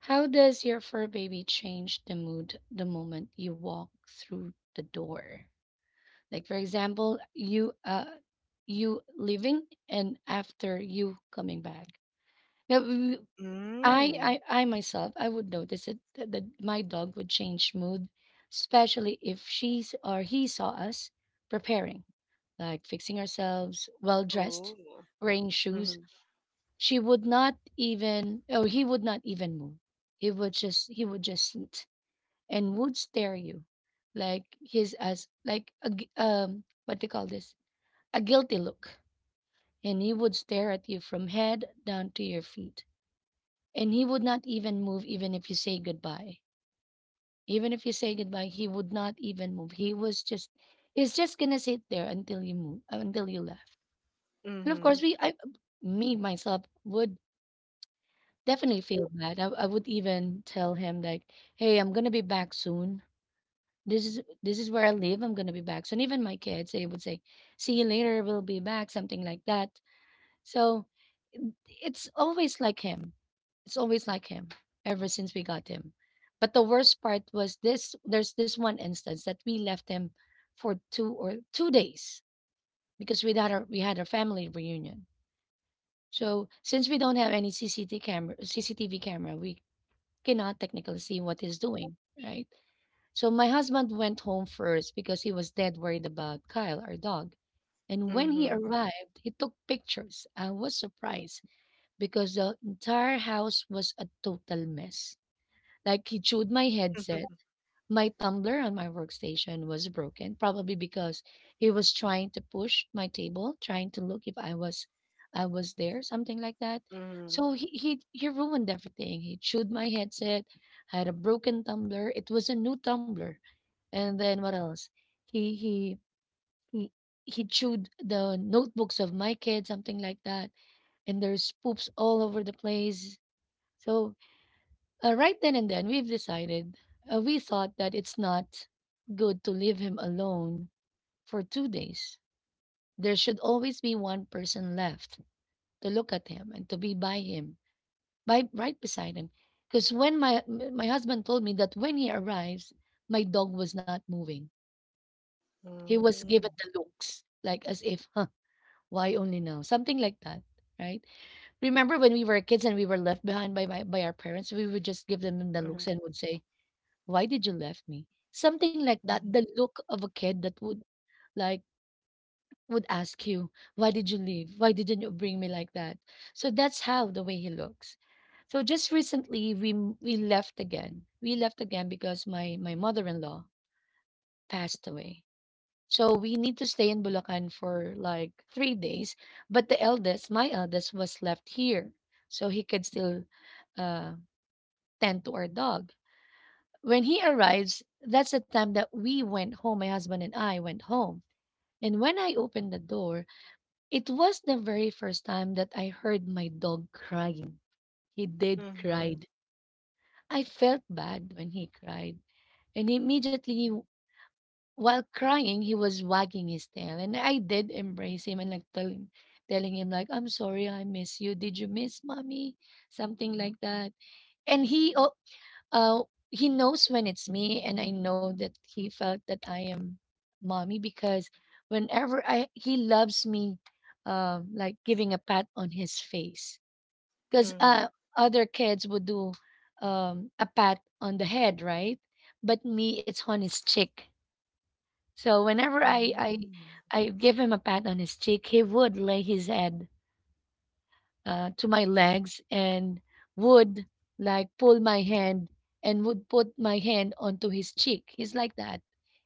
A: How does your fur baby change the mood the moment you walk through the door? Like for example, you leaving and after you coming back. Now we, I
B: Mm.
A: myself, I would notice that my dog would change mood, especially if she's or he saw us preparing, like fixing ourselves, well dressed,
B: Oh.
A: wearing shoes.
B: Mm-hmm.
A: She would not even, or he would not even move. He would just sit and would stare you, like his as like a what do you call this? A guilty look, and he would stare at you from head down to your feet and he would not even move, even if you say goodbye. Even if you say goodbye, he would not even move. He's just gonna sit there until you left. And of
B: Mm-hmm.
A: course, me myself would definitely feel bad. I would even tell him like, "Hey, I'm gonna be back soon. This is where I live. I'm gonna be back soon." Even my kids, they would say, "See you later. We'll be back," something like that. So it's always like him it's always like him ever since we got him. But the worst part was this there's this one instance that we left him for two days because we had our family reunion. So since we don't have any CCTV camera, we cannot technically see what he's doing, right? So my husband went home first because he was dead worried about Kyle, our dog. And when he
B: Mm-hmm.
A: arrived, he took pictures. I was surprised because the entire house was a total mess. Like he chewed my headset. My tumbler on my workstation was broken, probably because he was trying to push my table, trying to look if I was there, something like that.
B: Mm-hmm.
A: So he ruined everything. He chewed my headset. I had a broken tumbler. It was a new tumbler. And then what else? He he he he chewed the notebooks of my kids, something like that. And there's poops all over the place. So right then and then, we thought that it's not good to leave him alone for 2 days. There should always be one person left to look at him and to be by him, by right beside him. Because when my husband told me that when he arrives, my dog was not moving. He was given the looks, like as if, huh, why only now? Something like that, right? Remember when we were kids and we were left behind by by our parents, we would just give them the looks and would say, why did you left me? Something like that. The
B: Mm-hmm.
A: look of a kid that would like would ask you, why did you leave? Why didn't you bring me like that? So that's how the way he looks. So just recently we left again. We left again because my mother-in-law passed away. So we need to stay in Bulacan for like 3 days, but the eldest, my eldest was left here. So he could still uh tend to our dog. When he arrives, that's the time that we went home, my husband and I went home. And when I opened the door, it was the very first time that I heard my dog crying. He did
B: Mm-hmm.
A: cried. I felt bad when he cried. And immediately while crying, he was wagging his tail. And I did embrace him and like telling him like, I'm sorry, I miss you. Did you miss mommy? Something like that. And he o- Uh, he knows when it's me, and I know that he felt that I am mommy because whenever I he loves me, like giving a pat on his face because
B: Mm-hmm.
A: other kids would do a pat on the head, right? But me, it's on his cheek. So whenever I give him a pat on his cheek, he would lay his head to my legs and would like pull my hand and would put my hand onto his cheek. He's like that.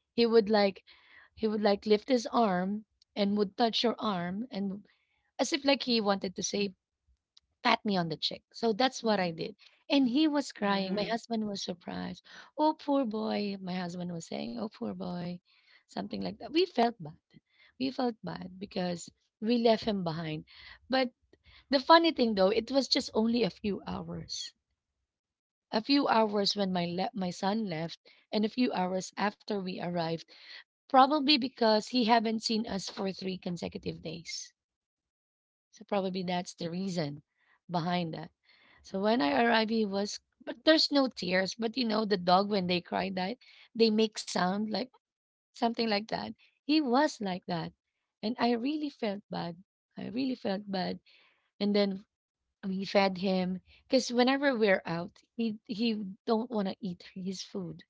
A: He would like he would like lift his arm and would touch your arm and as if like he wanted to say pat me on the cheek. So that's what I did. And he was crying. My
B: Mm-hmm.
A: husband was surprised. Oh poor boy, my husband was saying, "Oh poor boy." Something like that. We felt bad. We felt bad because we left him behind. But the funny thing though, it was just only a few hours. A few hours when my son left and a few hours after we arrived, probably because he haven't seen us for 3 consecutive days. So probably that's the reason behind that. So when I arrived he was but there's no tears, but you know the dog when they cry that they make sound like something like that. He was like that. And I really felt bad. I really felt bad. And then we fed him because whenever we're out, he don't want to eat his food.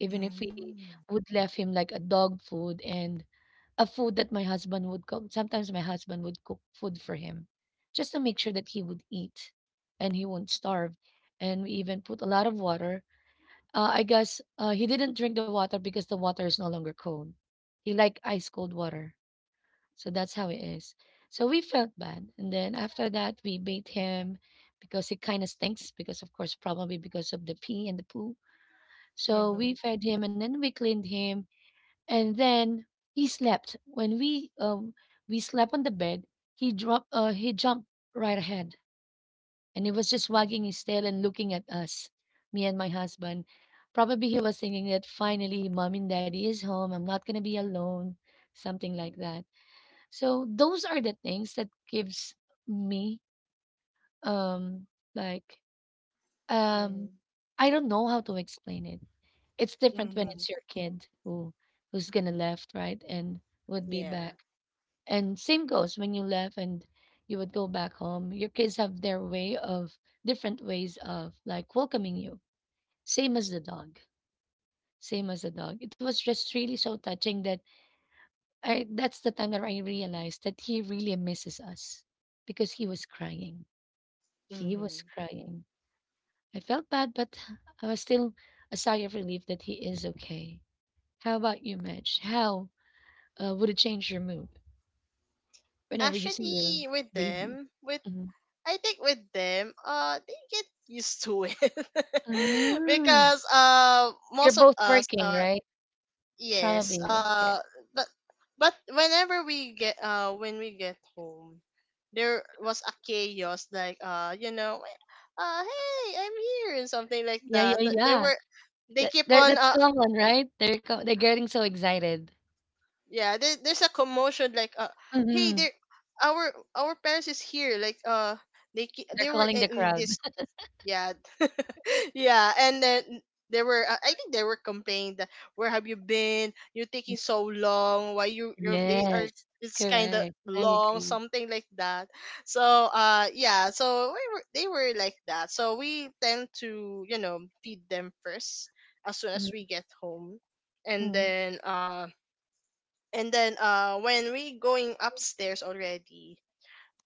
A: Even if we would left him like a dog food and a food that my husband would cook. Sometimes my husband would cook food for him just to make sure that he would eat and he won't starve. And we even put a lot of water. He didn't drink the water because the water is no longer cold. He like ice cold water, so that's how it is. So we felt bad. And then after that, we bait him because it kind of stinks, because, of course, probably because of the pee and the poo. So
B: Mm-hmm. Mm-hmm.
A: we fed him and then we cleaned him. And then he slept. When we slept on the bed, he jumped right ahead and he was just wagging his tail and looking at us, me and my husband. Probably he was thinking that finally, mom and daddy is home. I'm not going to be alone, something like that. So those are the things that gives me um like um I don't know how to explain it. It's different
B: Mm-hmm.
A: when
B: Mm-hmm.
A: it's your kid who who's gonna left, right? And would be
B: Yeah.
A: back. And same goes when you left and you would go back home. Your kids have their way of different ways of like welcoming you. Same as the dog. Same as the dog. It was just really so touching that I that's the time that I realized that he really misses us because he was crying. He was
B: Mm-hmm.
A: crying. I felt bad, but I was still a sigh of relief that he is okay. How about you, Mitch? How would it change your mood whenever you see your
B: Actually, with
A: baby?
B: them, with
A: Mhm.
B: I think with them, they get used to it,
A: Mm.
B: because
A: You're
B: most of
A: both
B: us
A: working,
B: are
A: right?
B: yes.
A: Probably. Okay.
B: But but whenever we get when we get home, there was a chaos like you know, hey I'm here and something like
A: Yeah, yeah,
B: that. But there
A: yeah.
B: were they
A: That,
B: keep
A: that-
B: on
A: that's common, right? They're getting so excited.
B: yeah, there, there's a commotion like hey
A: Hmm.
B: there, our our parents is here, like
A: They're
B: they were
A: calling the
B: in
A: crowd.
B: this, yeah. Yeah, and then there were I think they were complaining that where have you been? You're taking so long. Why you your day are
A: Yes,
B: it's kind of
A: correct. I
B: long,
A: agree.
B: something like that. So yeah, so we were, they were like that. So we tend to, you know, feed them first as soon as
A: Mhm.
B: we get home, and
A: Mm.
B: then uh and then when we going upstairs already,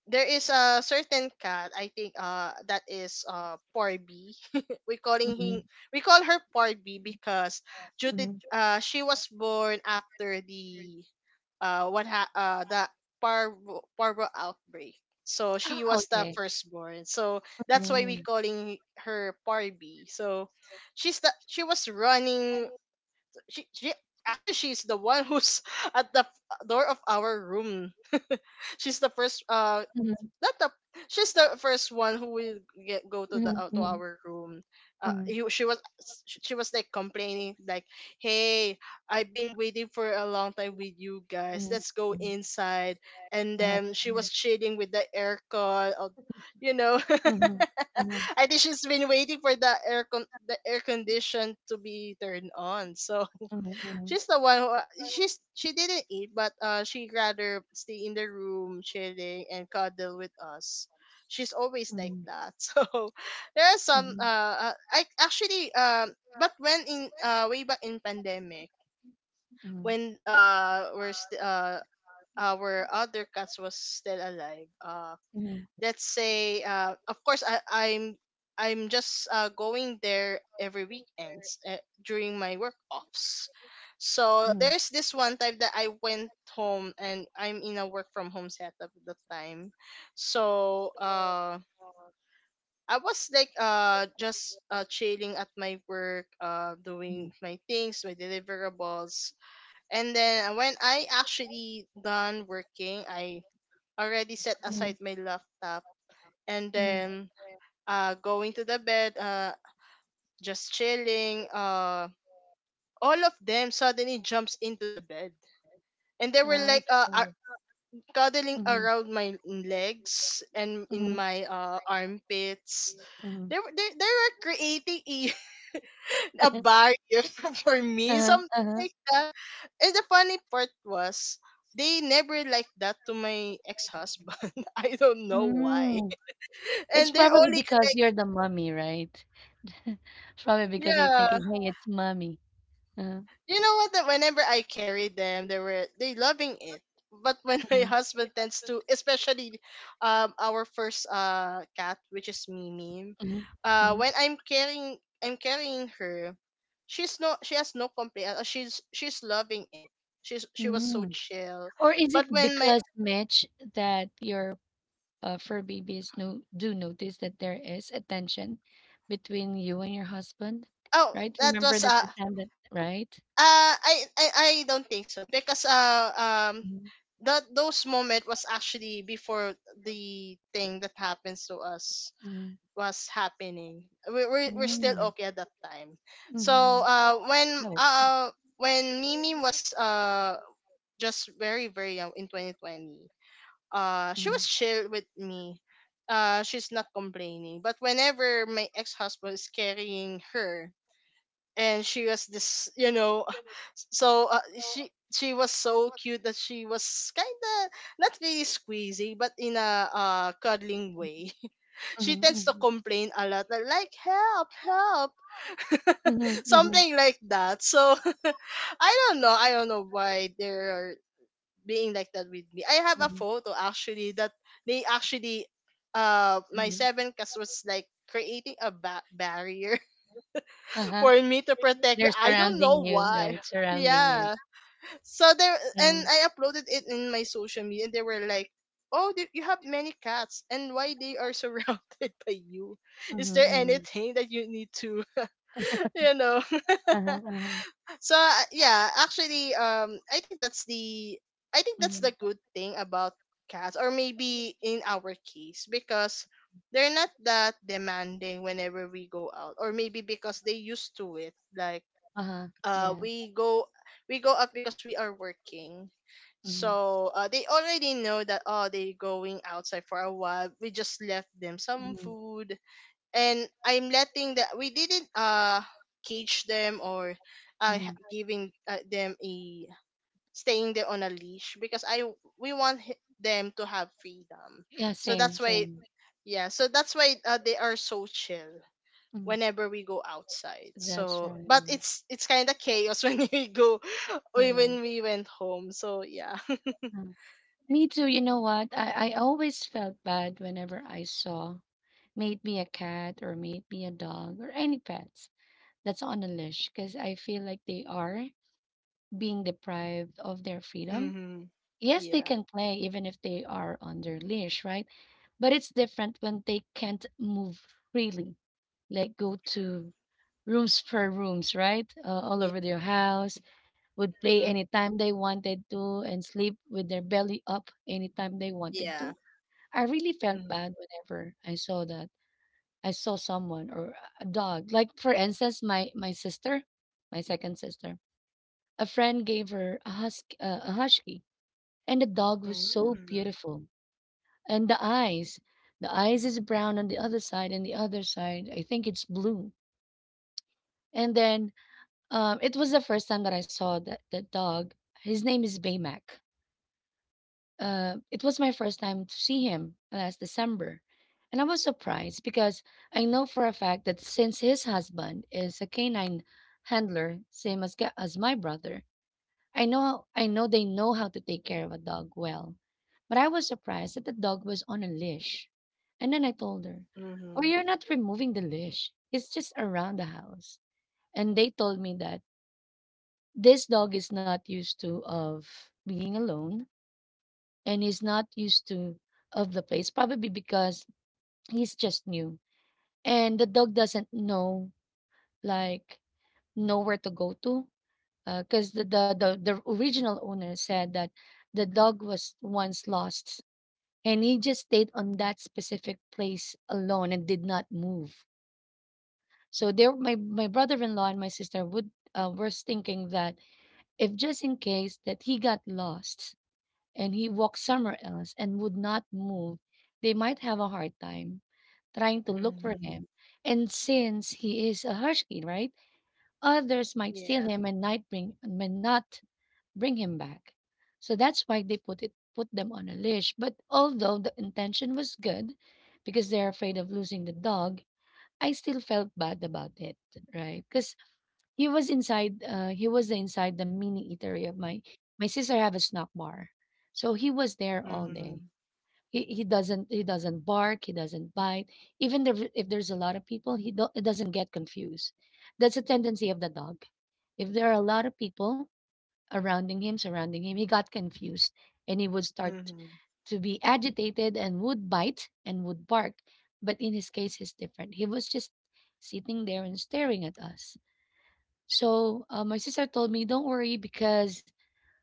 B: there is a certain cat I think that is Porby. We calling him,
A: Mhm.
B: we call her Porby because due to
A: Mhm.
B: she was born after the uh what ha- uh the parvo parvo outbreak. So
A: Ah,
B: she was the
A: okay.
B: firstborn. So that's why we
A: Mhm.
B: calling her Parby. So she was running. She Actually, she's the one who's at the door of our room. She's the first
A: Mhm.
B: that the she's the first one who will get go to the
A: Mhm.
B: to
A: Mhm.
B: our room.
A: Mhm.
B: She was, she was like complaining like, "Hey, I've been waiting for a long time with you guys. Let's go
A: Mhm.
B: inside." And
A: Uh-huh.
B: then she was shading with the aircon. You know,
A: Mhm. Uh-huh.
B: I think she's been waiting for the the air condition to be turned on. So
A: Mhm.
B: she's the one who she's, she didn't eat, but she rather stay in the room chilling and cuddle with us. She's always like that. So there are some
A: Mhm.
B: I actually, but when in way back in pandemic,
A: Mhm.
B: when our other cats was still alive,
A: Mhm.
B: let's say of course I'm just going there every weekends, during my work offs.
A: Mhm.
B: So there's this one time that I went home, and I'm in a work from home setup at the time. So I was like just chilling at my work,
A: Mhm.
B: doing my things, my deliverables. And then when I actually done working, I already set aside my laptop, and
A: Mhm.
B: then going to the bed, just chilling. All of them suddenly jumps into the bed, and they were
A: Uh.
B: like
A: Mhm.
B: cuddling around my legs and in
A: Mhm.
B: my armpits.
A: Mhm.
B: They were creating a, a barrier for me,
A: Uh-huh.
B: something
A: Uh-huh.
B: like that. And the funny part was, they never like that to my ex-husband. I don't know
A: Mhm.
B: why.
A: Mhm. It's
B: And they
A: probably
B: only,
A: because you're the mummy, right? It's probably because they're
B: yeah.
A: thinking, hey, it's mummy. Uh-huh.
B: You know what? That whenever I carry them, they were they loving it. But when my
A: Mhm.
B: husband tends to, especially our first cat, which is Mimi,
A: Mhm. Mhm.
B: when I'm carrying her, she has no complaint. She's loving it. She was
A: Mhm.
B: so chill.
A: Or is
B: But
A: it
B: when my,
A: because, Mitch, that you're fur babies no, do notice that there is a tension between you and your husband,
B: oh
A: right?
B: that
A: Remember
B: was
A: that's the time that, right?
B: uh I I, I don't think so, because
A: Mm-hmm.
B: that those moment was actually before the thing that happens to us was happening. We're still okay at that time.
A: Mm-hmm.
B: So uh when uh when Mimi was just very very young in 2020, she was
A: Mm-hmm.
B: chill with me. She's not complaining. But whenever my ex-husband is carrying her, and she was this, you know, so she was so cute that she was kind of not really squeezy but in a cuddling way, she tends to
A: Mm-hmm.
B: complain a lot like, help, help.
A: Mm-hmm.
B: Something like that. So I don't know, I don't know why they're being like that with me. I have a
A: Mm-hmm.
B: photo actually that they actually my seven cast was like creating a barrier
A: Uh-huh.
B: for me, to protect
A: They're
B: me. I don't
A: surrounding
B: know
A: you, right?
B: why.
A: Surrounding you.
B: Yeah. So there,
A: Uh-huh.
B: and I uploaded it in my social media, and they were like, "Oh, you have many cats, and why they are surrounded by you? Is there anything that you need to, you know?"
A: Uh-huh. Uh-huh.
B: So yeah, actually, I think that's the, I think that's
A: Mm-hmm.
B: the good thing about cats, or maybe in our case, because they're not that demanding whenever we go out, or maybe because they used to it, like
A: Uh-huh. Yeah.
B: we go, we go out because we are working.
A: Mm-hmm.
B: So they already know that oh they're going outside for a while, we just left them some
A: Mm-hmm.
B: food, and I'm letting that we didn't cage them or
A: Mm-hmm.
B: giving them a staying there on a leash, because I we want them to have freedom.
A: Yeah,
B: So that's
A: same,
B: why,
A: same.
B: yeah, so that's why they are so chill
A: Mm-hmm.
B: whenever we go outside.
A: That's
B: So,
A: right.
B: but it's kind of chaos when we go
A: Correct.
B: when we went home. So yeah.
A: Uh, Me too. You know what? I always felt bad whenever I saw may it be a cat or may it be a dog or any pets that's on the leash, because I feel like they are being deprived of their freedom.
B: Hmm.
A: Yes, they
B: Yeah.
A: can play even if they are on their leash, right? But it's different when they can't move freely, like go to rooms per rooms, right? All
B: Yeah.
A: over their house, would play
B: Mhm.
A: anytime they wanted to and sleep with their belly up anytime they wanted
B: Yeah.
A: to. I really felt
B: Mhm.
A: bad whenever I saw that. I saw someone or a dog. Like for instance, my sister, my second sister, a friend gave her a husky, and the dog was so
B: Mhm.
A: beautiful. And the eyes is brown on the other side, and the other side I think it's blue. And then it was the first time that I saw that dog. His name is Baymac. Uh, it was my first time to see him last December. And I was surprised because I know for a fact that since his husband is a canine handler, as my brother, I know they know how to take care of a dog well. But I was surprised that the dog was on a leash. And then I told her, oh,
B: Mhm.
A: you're not removing the leash. It's just around the house. And they told me that this dog is not used to of being alone, and he's not used to of the place, probably because he's just new, and the dog doesn't know, like, know where to go to, because the original owner said that the dog was once lost, and he just stayed on that specific place alone and did not move. So there my my brother-in-law and my sister would were thinking that if just in case that he got lost and he walked somewhere else and would not move, they might have a hard time trying to look for
B: Mhm.
A: him. And since he is a Hershkin, right? Others might steal
B: Yeah.
A: him and might bring may not bring him back. So that's why they put them on a leash. But although the intention was good, because they're afraid of losing the dog, I still felt bad about it, right? Because he was inside. He was inside the mini eatery of my my sister, have a snack bar, so he was there all day.
B: Mhm.
A: He doesn't bark. He doesn't bite. Even there, if there's a lot of people, he doesn't get confused. That's a tendency of the dog. If there are a lot of people surrounding him, he got confused and he would start
B: Mhm.
A: to be agitated and would bite and would bark. But in his case, it's different. He was just sitting there and staring at us, so my sister told me, don't worry because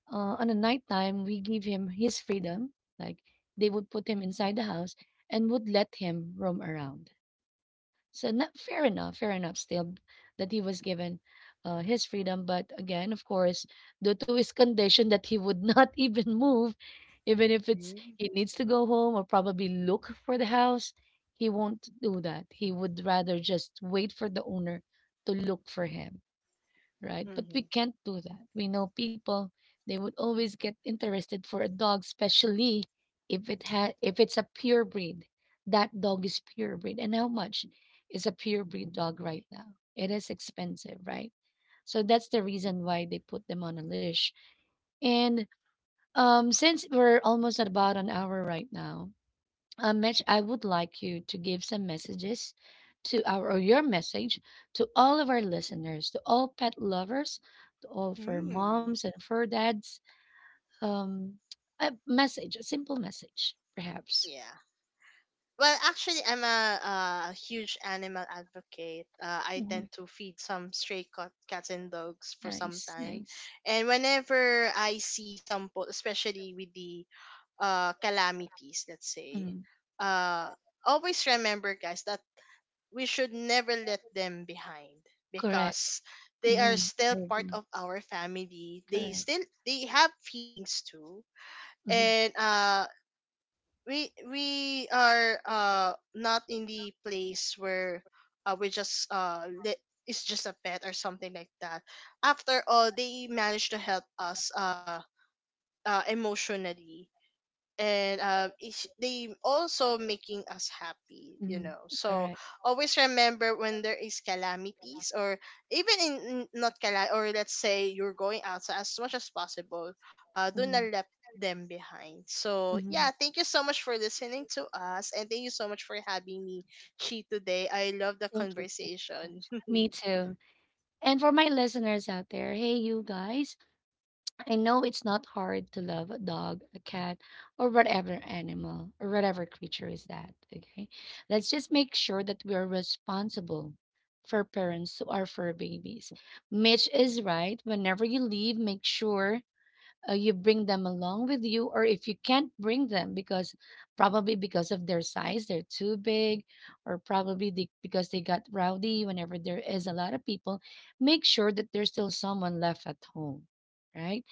A: on the night time we give him his freedom. Like they would put him inside the house and would let him roam around. So not fair enough still that he was given his freedom. But again, of course, due to his condition that he would not even move, even if it's
B: Mhm.
A: he needs to go home or probably look for the house, he won't do that. He would rather just wait for the owner to look for him, right? But we
B: Mhm.
A: can't do that. We know people, they would always get interested for a dog, especially if it's a pure breed. That dog is pure breed. And how much is a pure breed dog right now? It is expensive, right? So that's the reason why they put them on a leash. And since we're almost at about an hour right now, Mitch, I would like you to give some messages to our or your message to all of our listeners, to all pet lovers, to all fur
B: Mhm.
A: moms and fur dads. Um, a message, a simple message, perhaps.
B: Yeah. Well, actually, I'm a huge animal advocate. I
A: Mhm.
B: tend to feed some stray cat, cats and dogs for some
A: Nice,
B: time,
A: nice.
B: and whenever I see some, especially with the calamities, let's say,
A: Mhm.
B: uh, always remember, guys, that we should never let them behind,
A: Correct.
B: because they are
A: Hmm.
B: still
A: I
B: part
A: agree.
B: of our family. They
A: Correct.
B: still, they have feelings too,
A: Hmm.
B: and we are not in the place where uh, we just uh li- it's just a pet or something like that. After all, they managed to help us emotionally, and it's, they also making us happy, you know. So
A: Correct.
B: always remember when there is calamities or even in, not calam, or let's say you're going outside, as much as possible, do not
A: Mhm.
B: let them behind. So yeah, thank you so much for listening to us, and thank you so much for having me she today. I love the
A: Thank you.
B: conversation.
A: Me too. And for my listeners out there, hey, you guys, I know it's not hard to love a dog, a cat, or whatever animal or whatever creature is that. Okay. Let's just make sure that we are responsible for parents who are fur babies. Mitch is right. Whenever you leave, make sure you bring them along with you, or if you can't bring them because probably because of their size they're too big, or because they got rowdy whenever there is a lot of people, make sure that there's still someone left at home, right?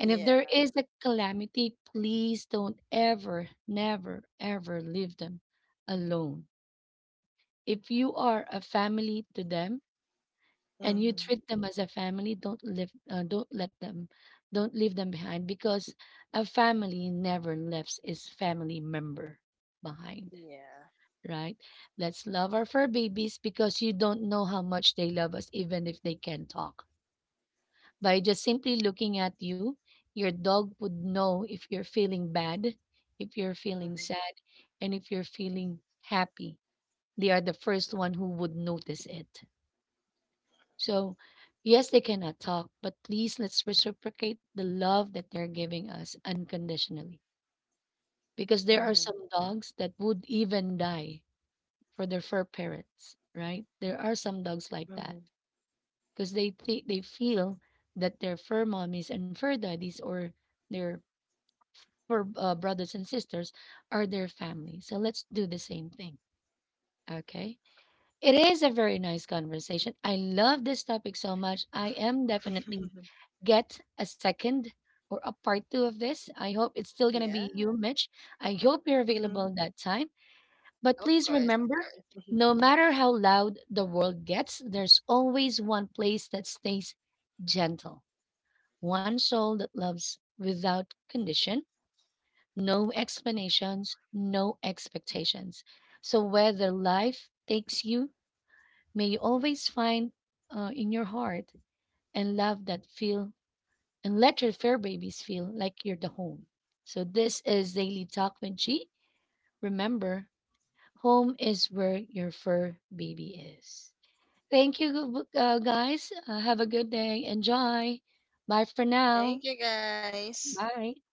A: And if there
B: Yeah.
A: is a calamity, please don't ever never ever leave them alone. If you are a family to them and you
B: Mm-hmm.
A: treat them as a family, don't let them, don't leave them behind, because a family never leaves its family member behind,
B: Yeah.
A: right? Let's love our fur babies, because you don't know how much they love us even if they can talk. By just simply looking at you, your dog would know if you're feeling bad, if you're feeling
B: Mm-hmm.
A: sad, and if you're feeling happy. They are the first one who would notice it. So, yes, they cannot talk, but please let's reciprocate the love that they're giving us unconditionally. Because there are some dogs that would even die for their fur parents, right? There are some dogs like that because they feel that their fur mommies and fur daddies, or their fur brothers and sisters, are their family. So let's do the same thing, okay? It is a very nice conversation. I love this topic so much. I am definitely get a second or a part two of this. I hope it's still going to be
B: Yeah.
A: you, Mitch. I hope you're
B: Mm-hmm.
A: available that time. But
B: Of
A: please
B: course, of
A: remember,
B: course.
A: no matter how loud the world gets, there's always one place that stays gentle, one soul that loves without condition, no explanations, no expectations. So whether life takes you, may you always find in your heart and love that feel, and let your fair babies feel like you're the home. So this is Daily Talk with G. Remember, home is where your fur baby is. Thank you, guys. Have a good day. Enjoy. Bye for now.
B: Thank you guys.
A: Bye.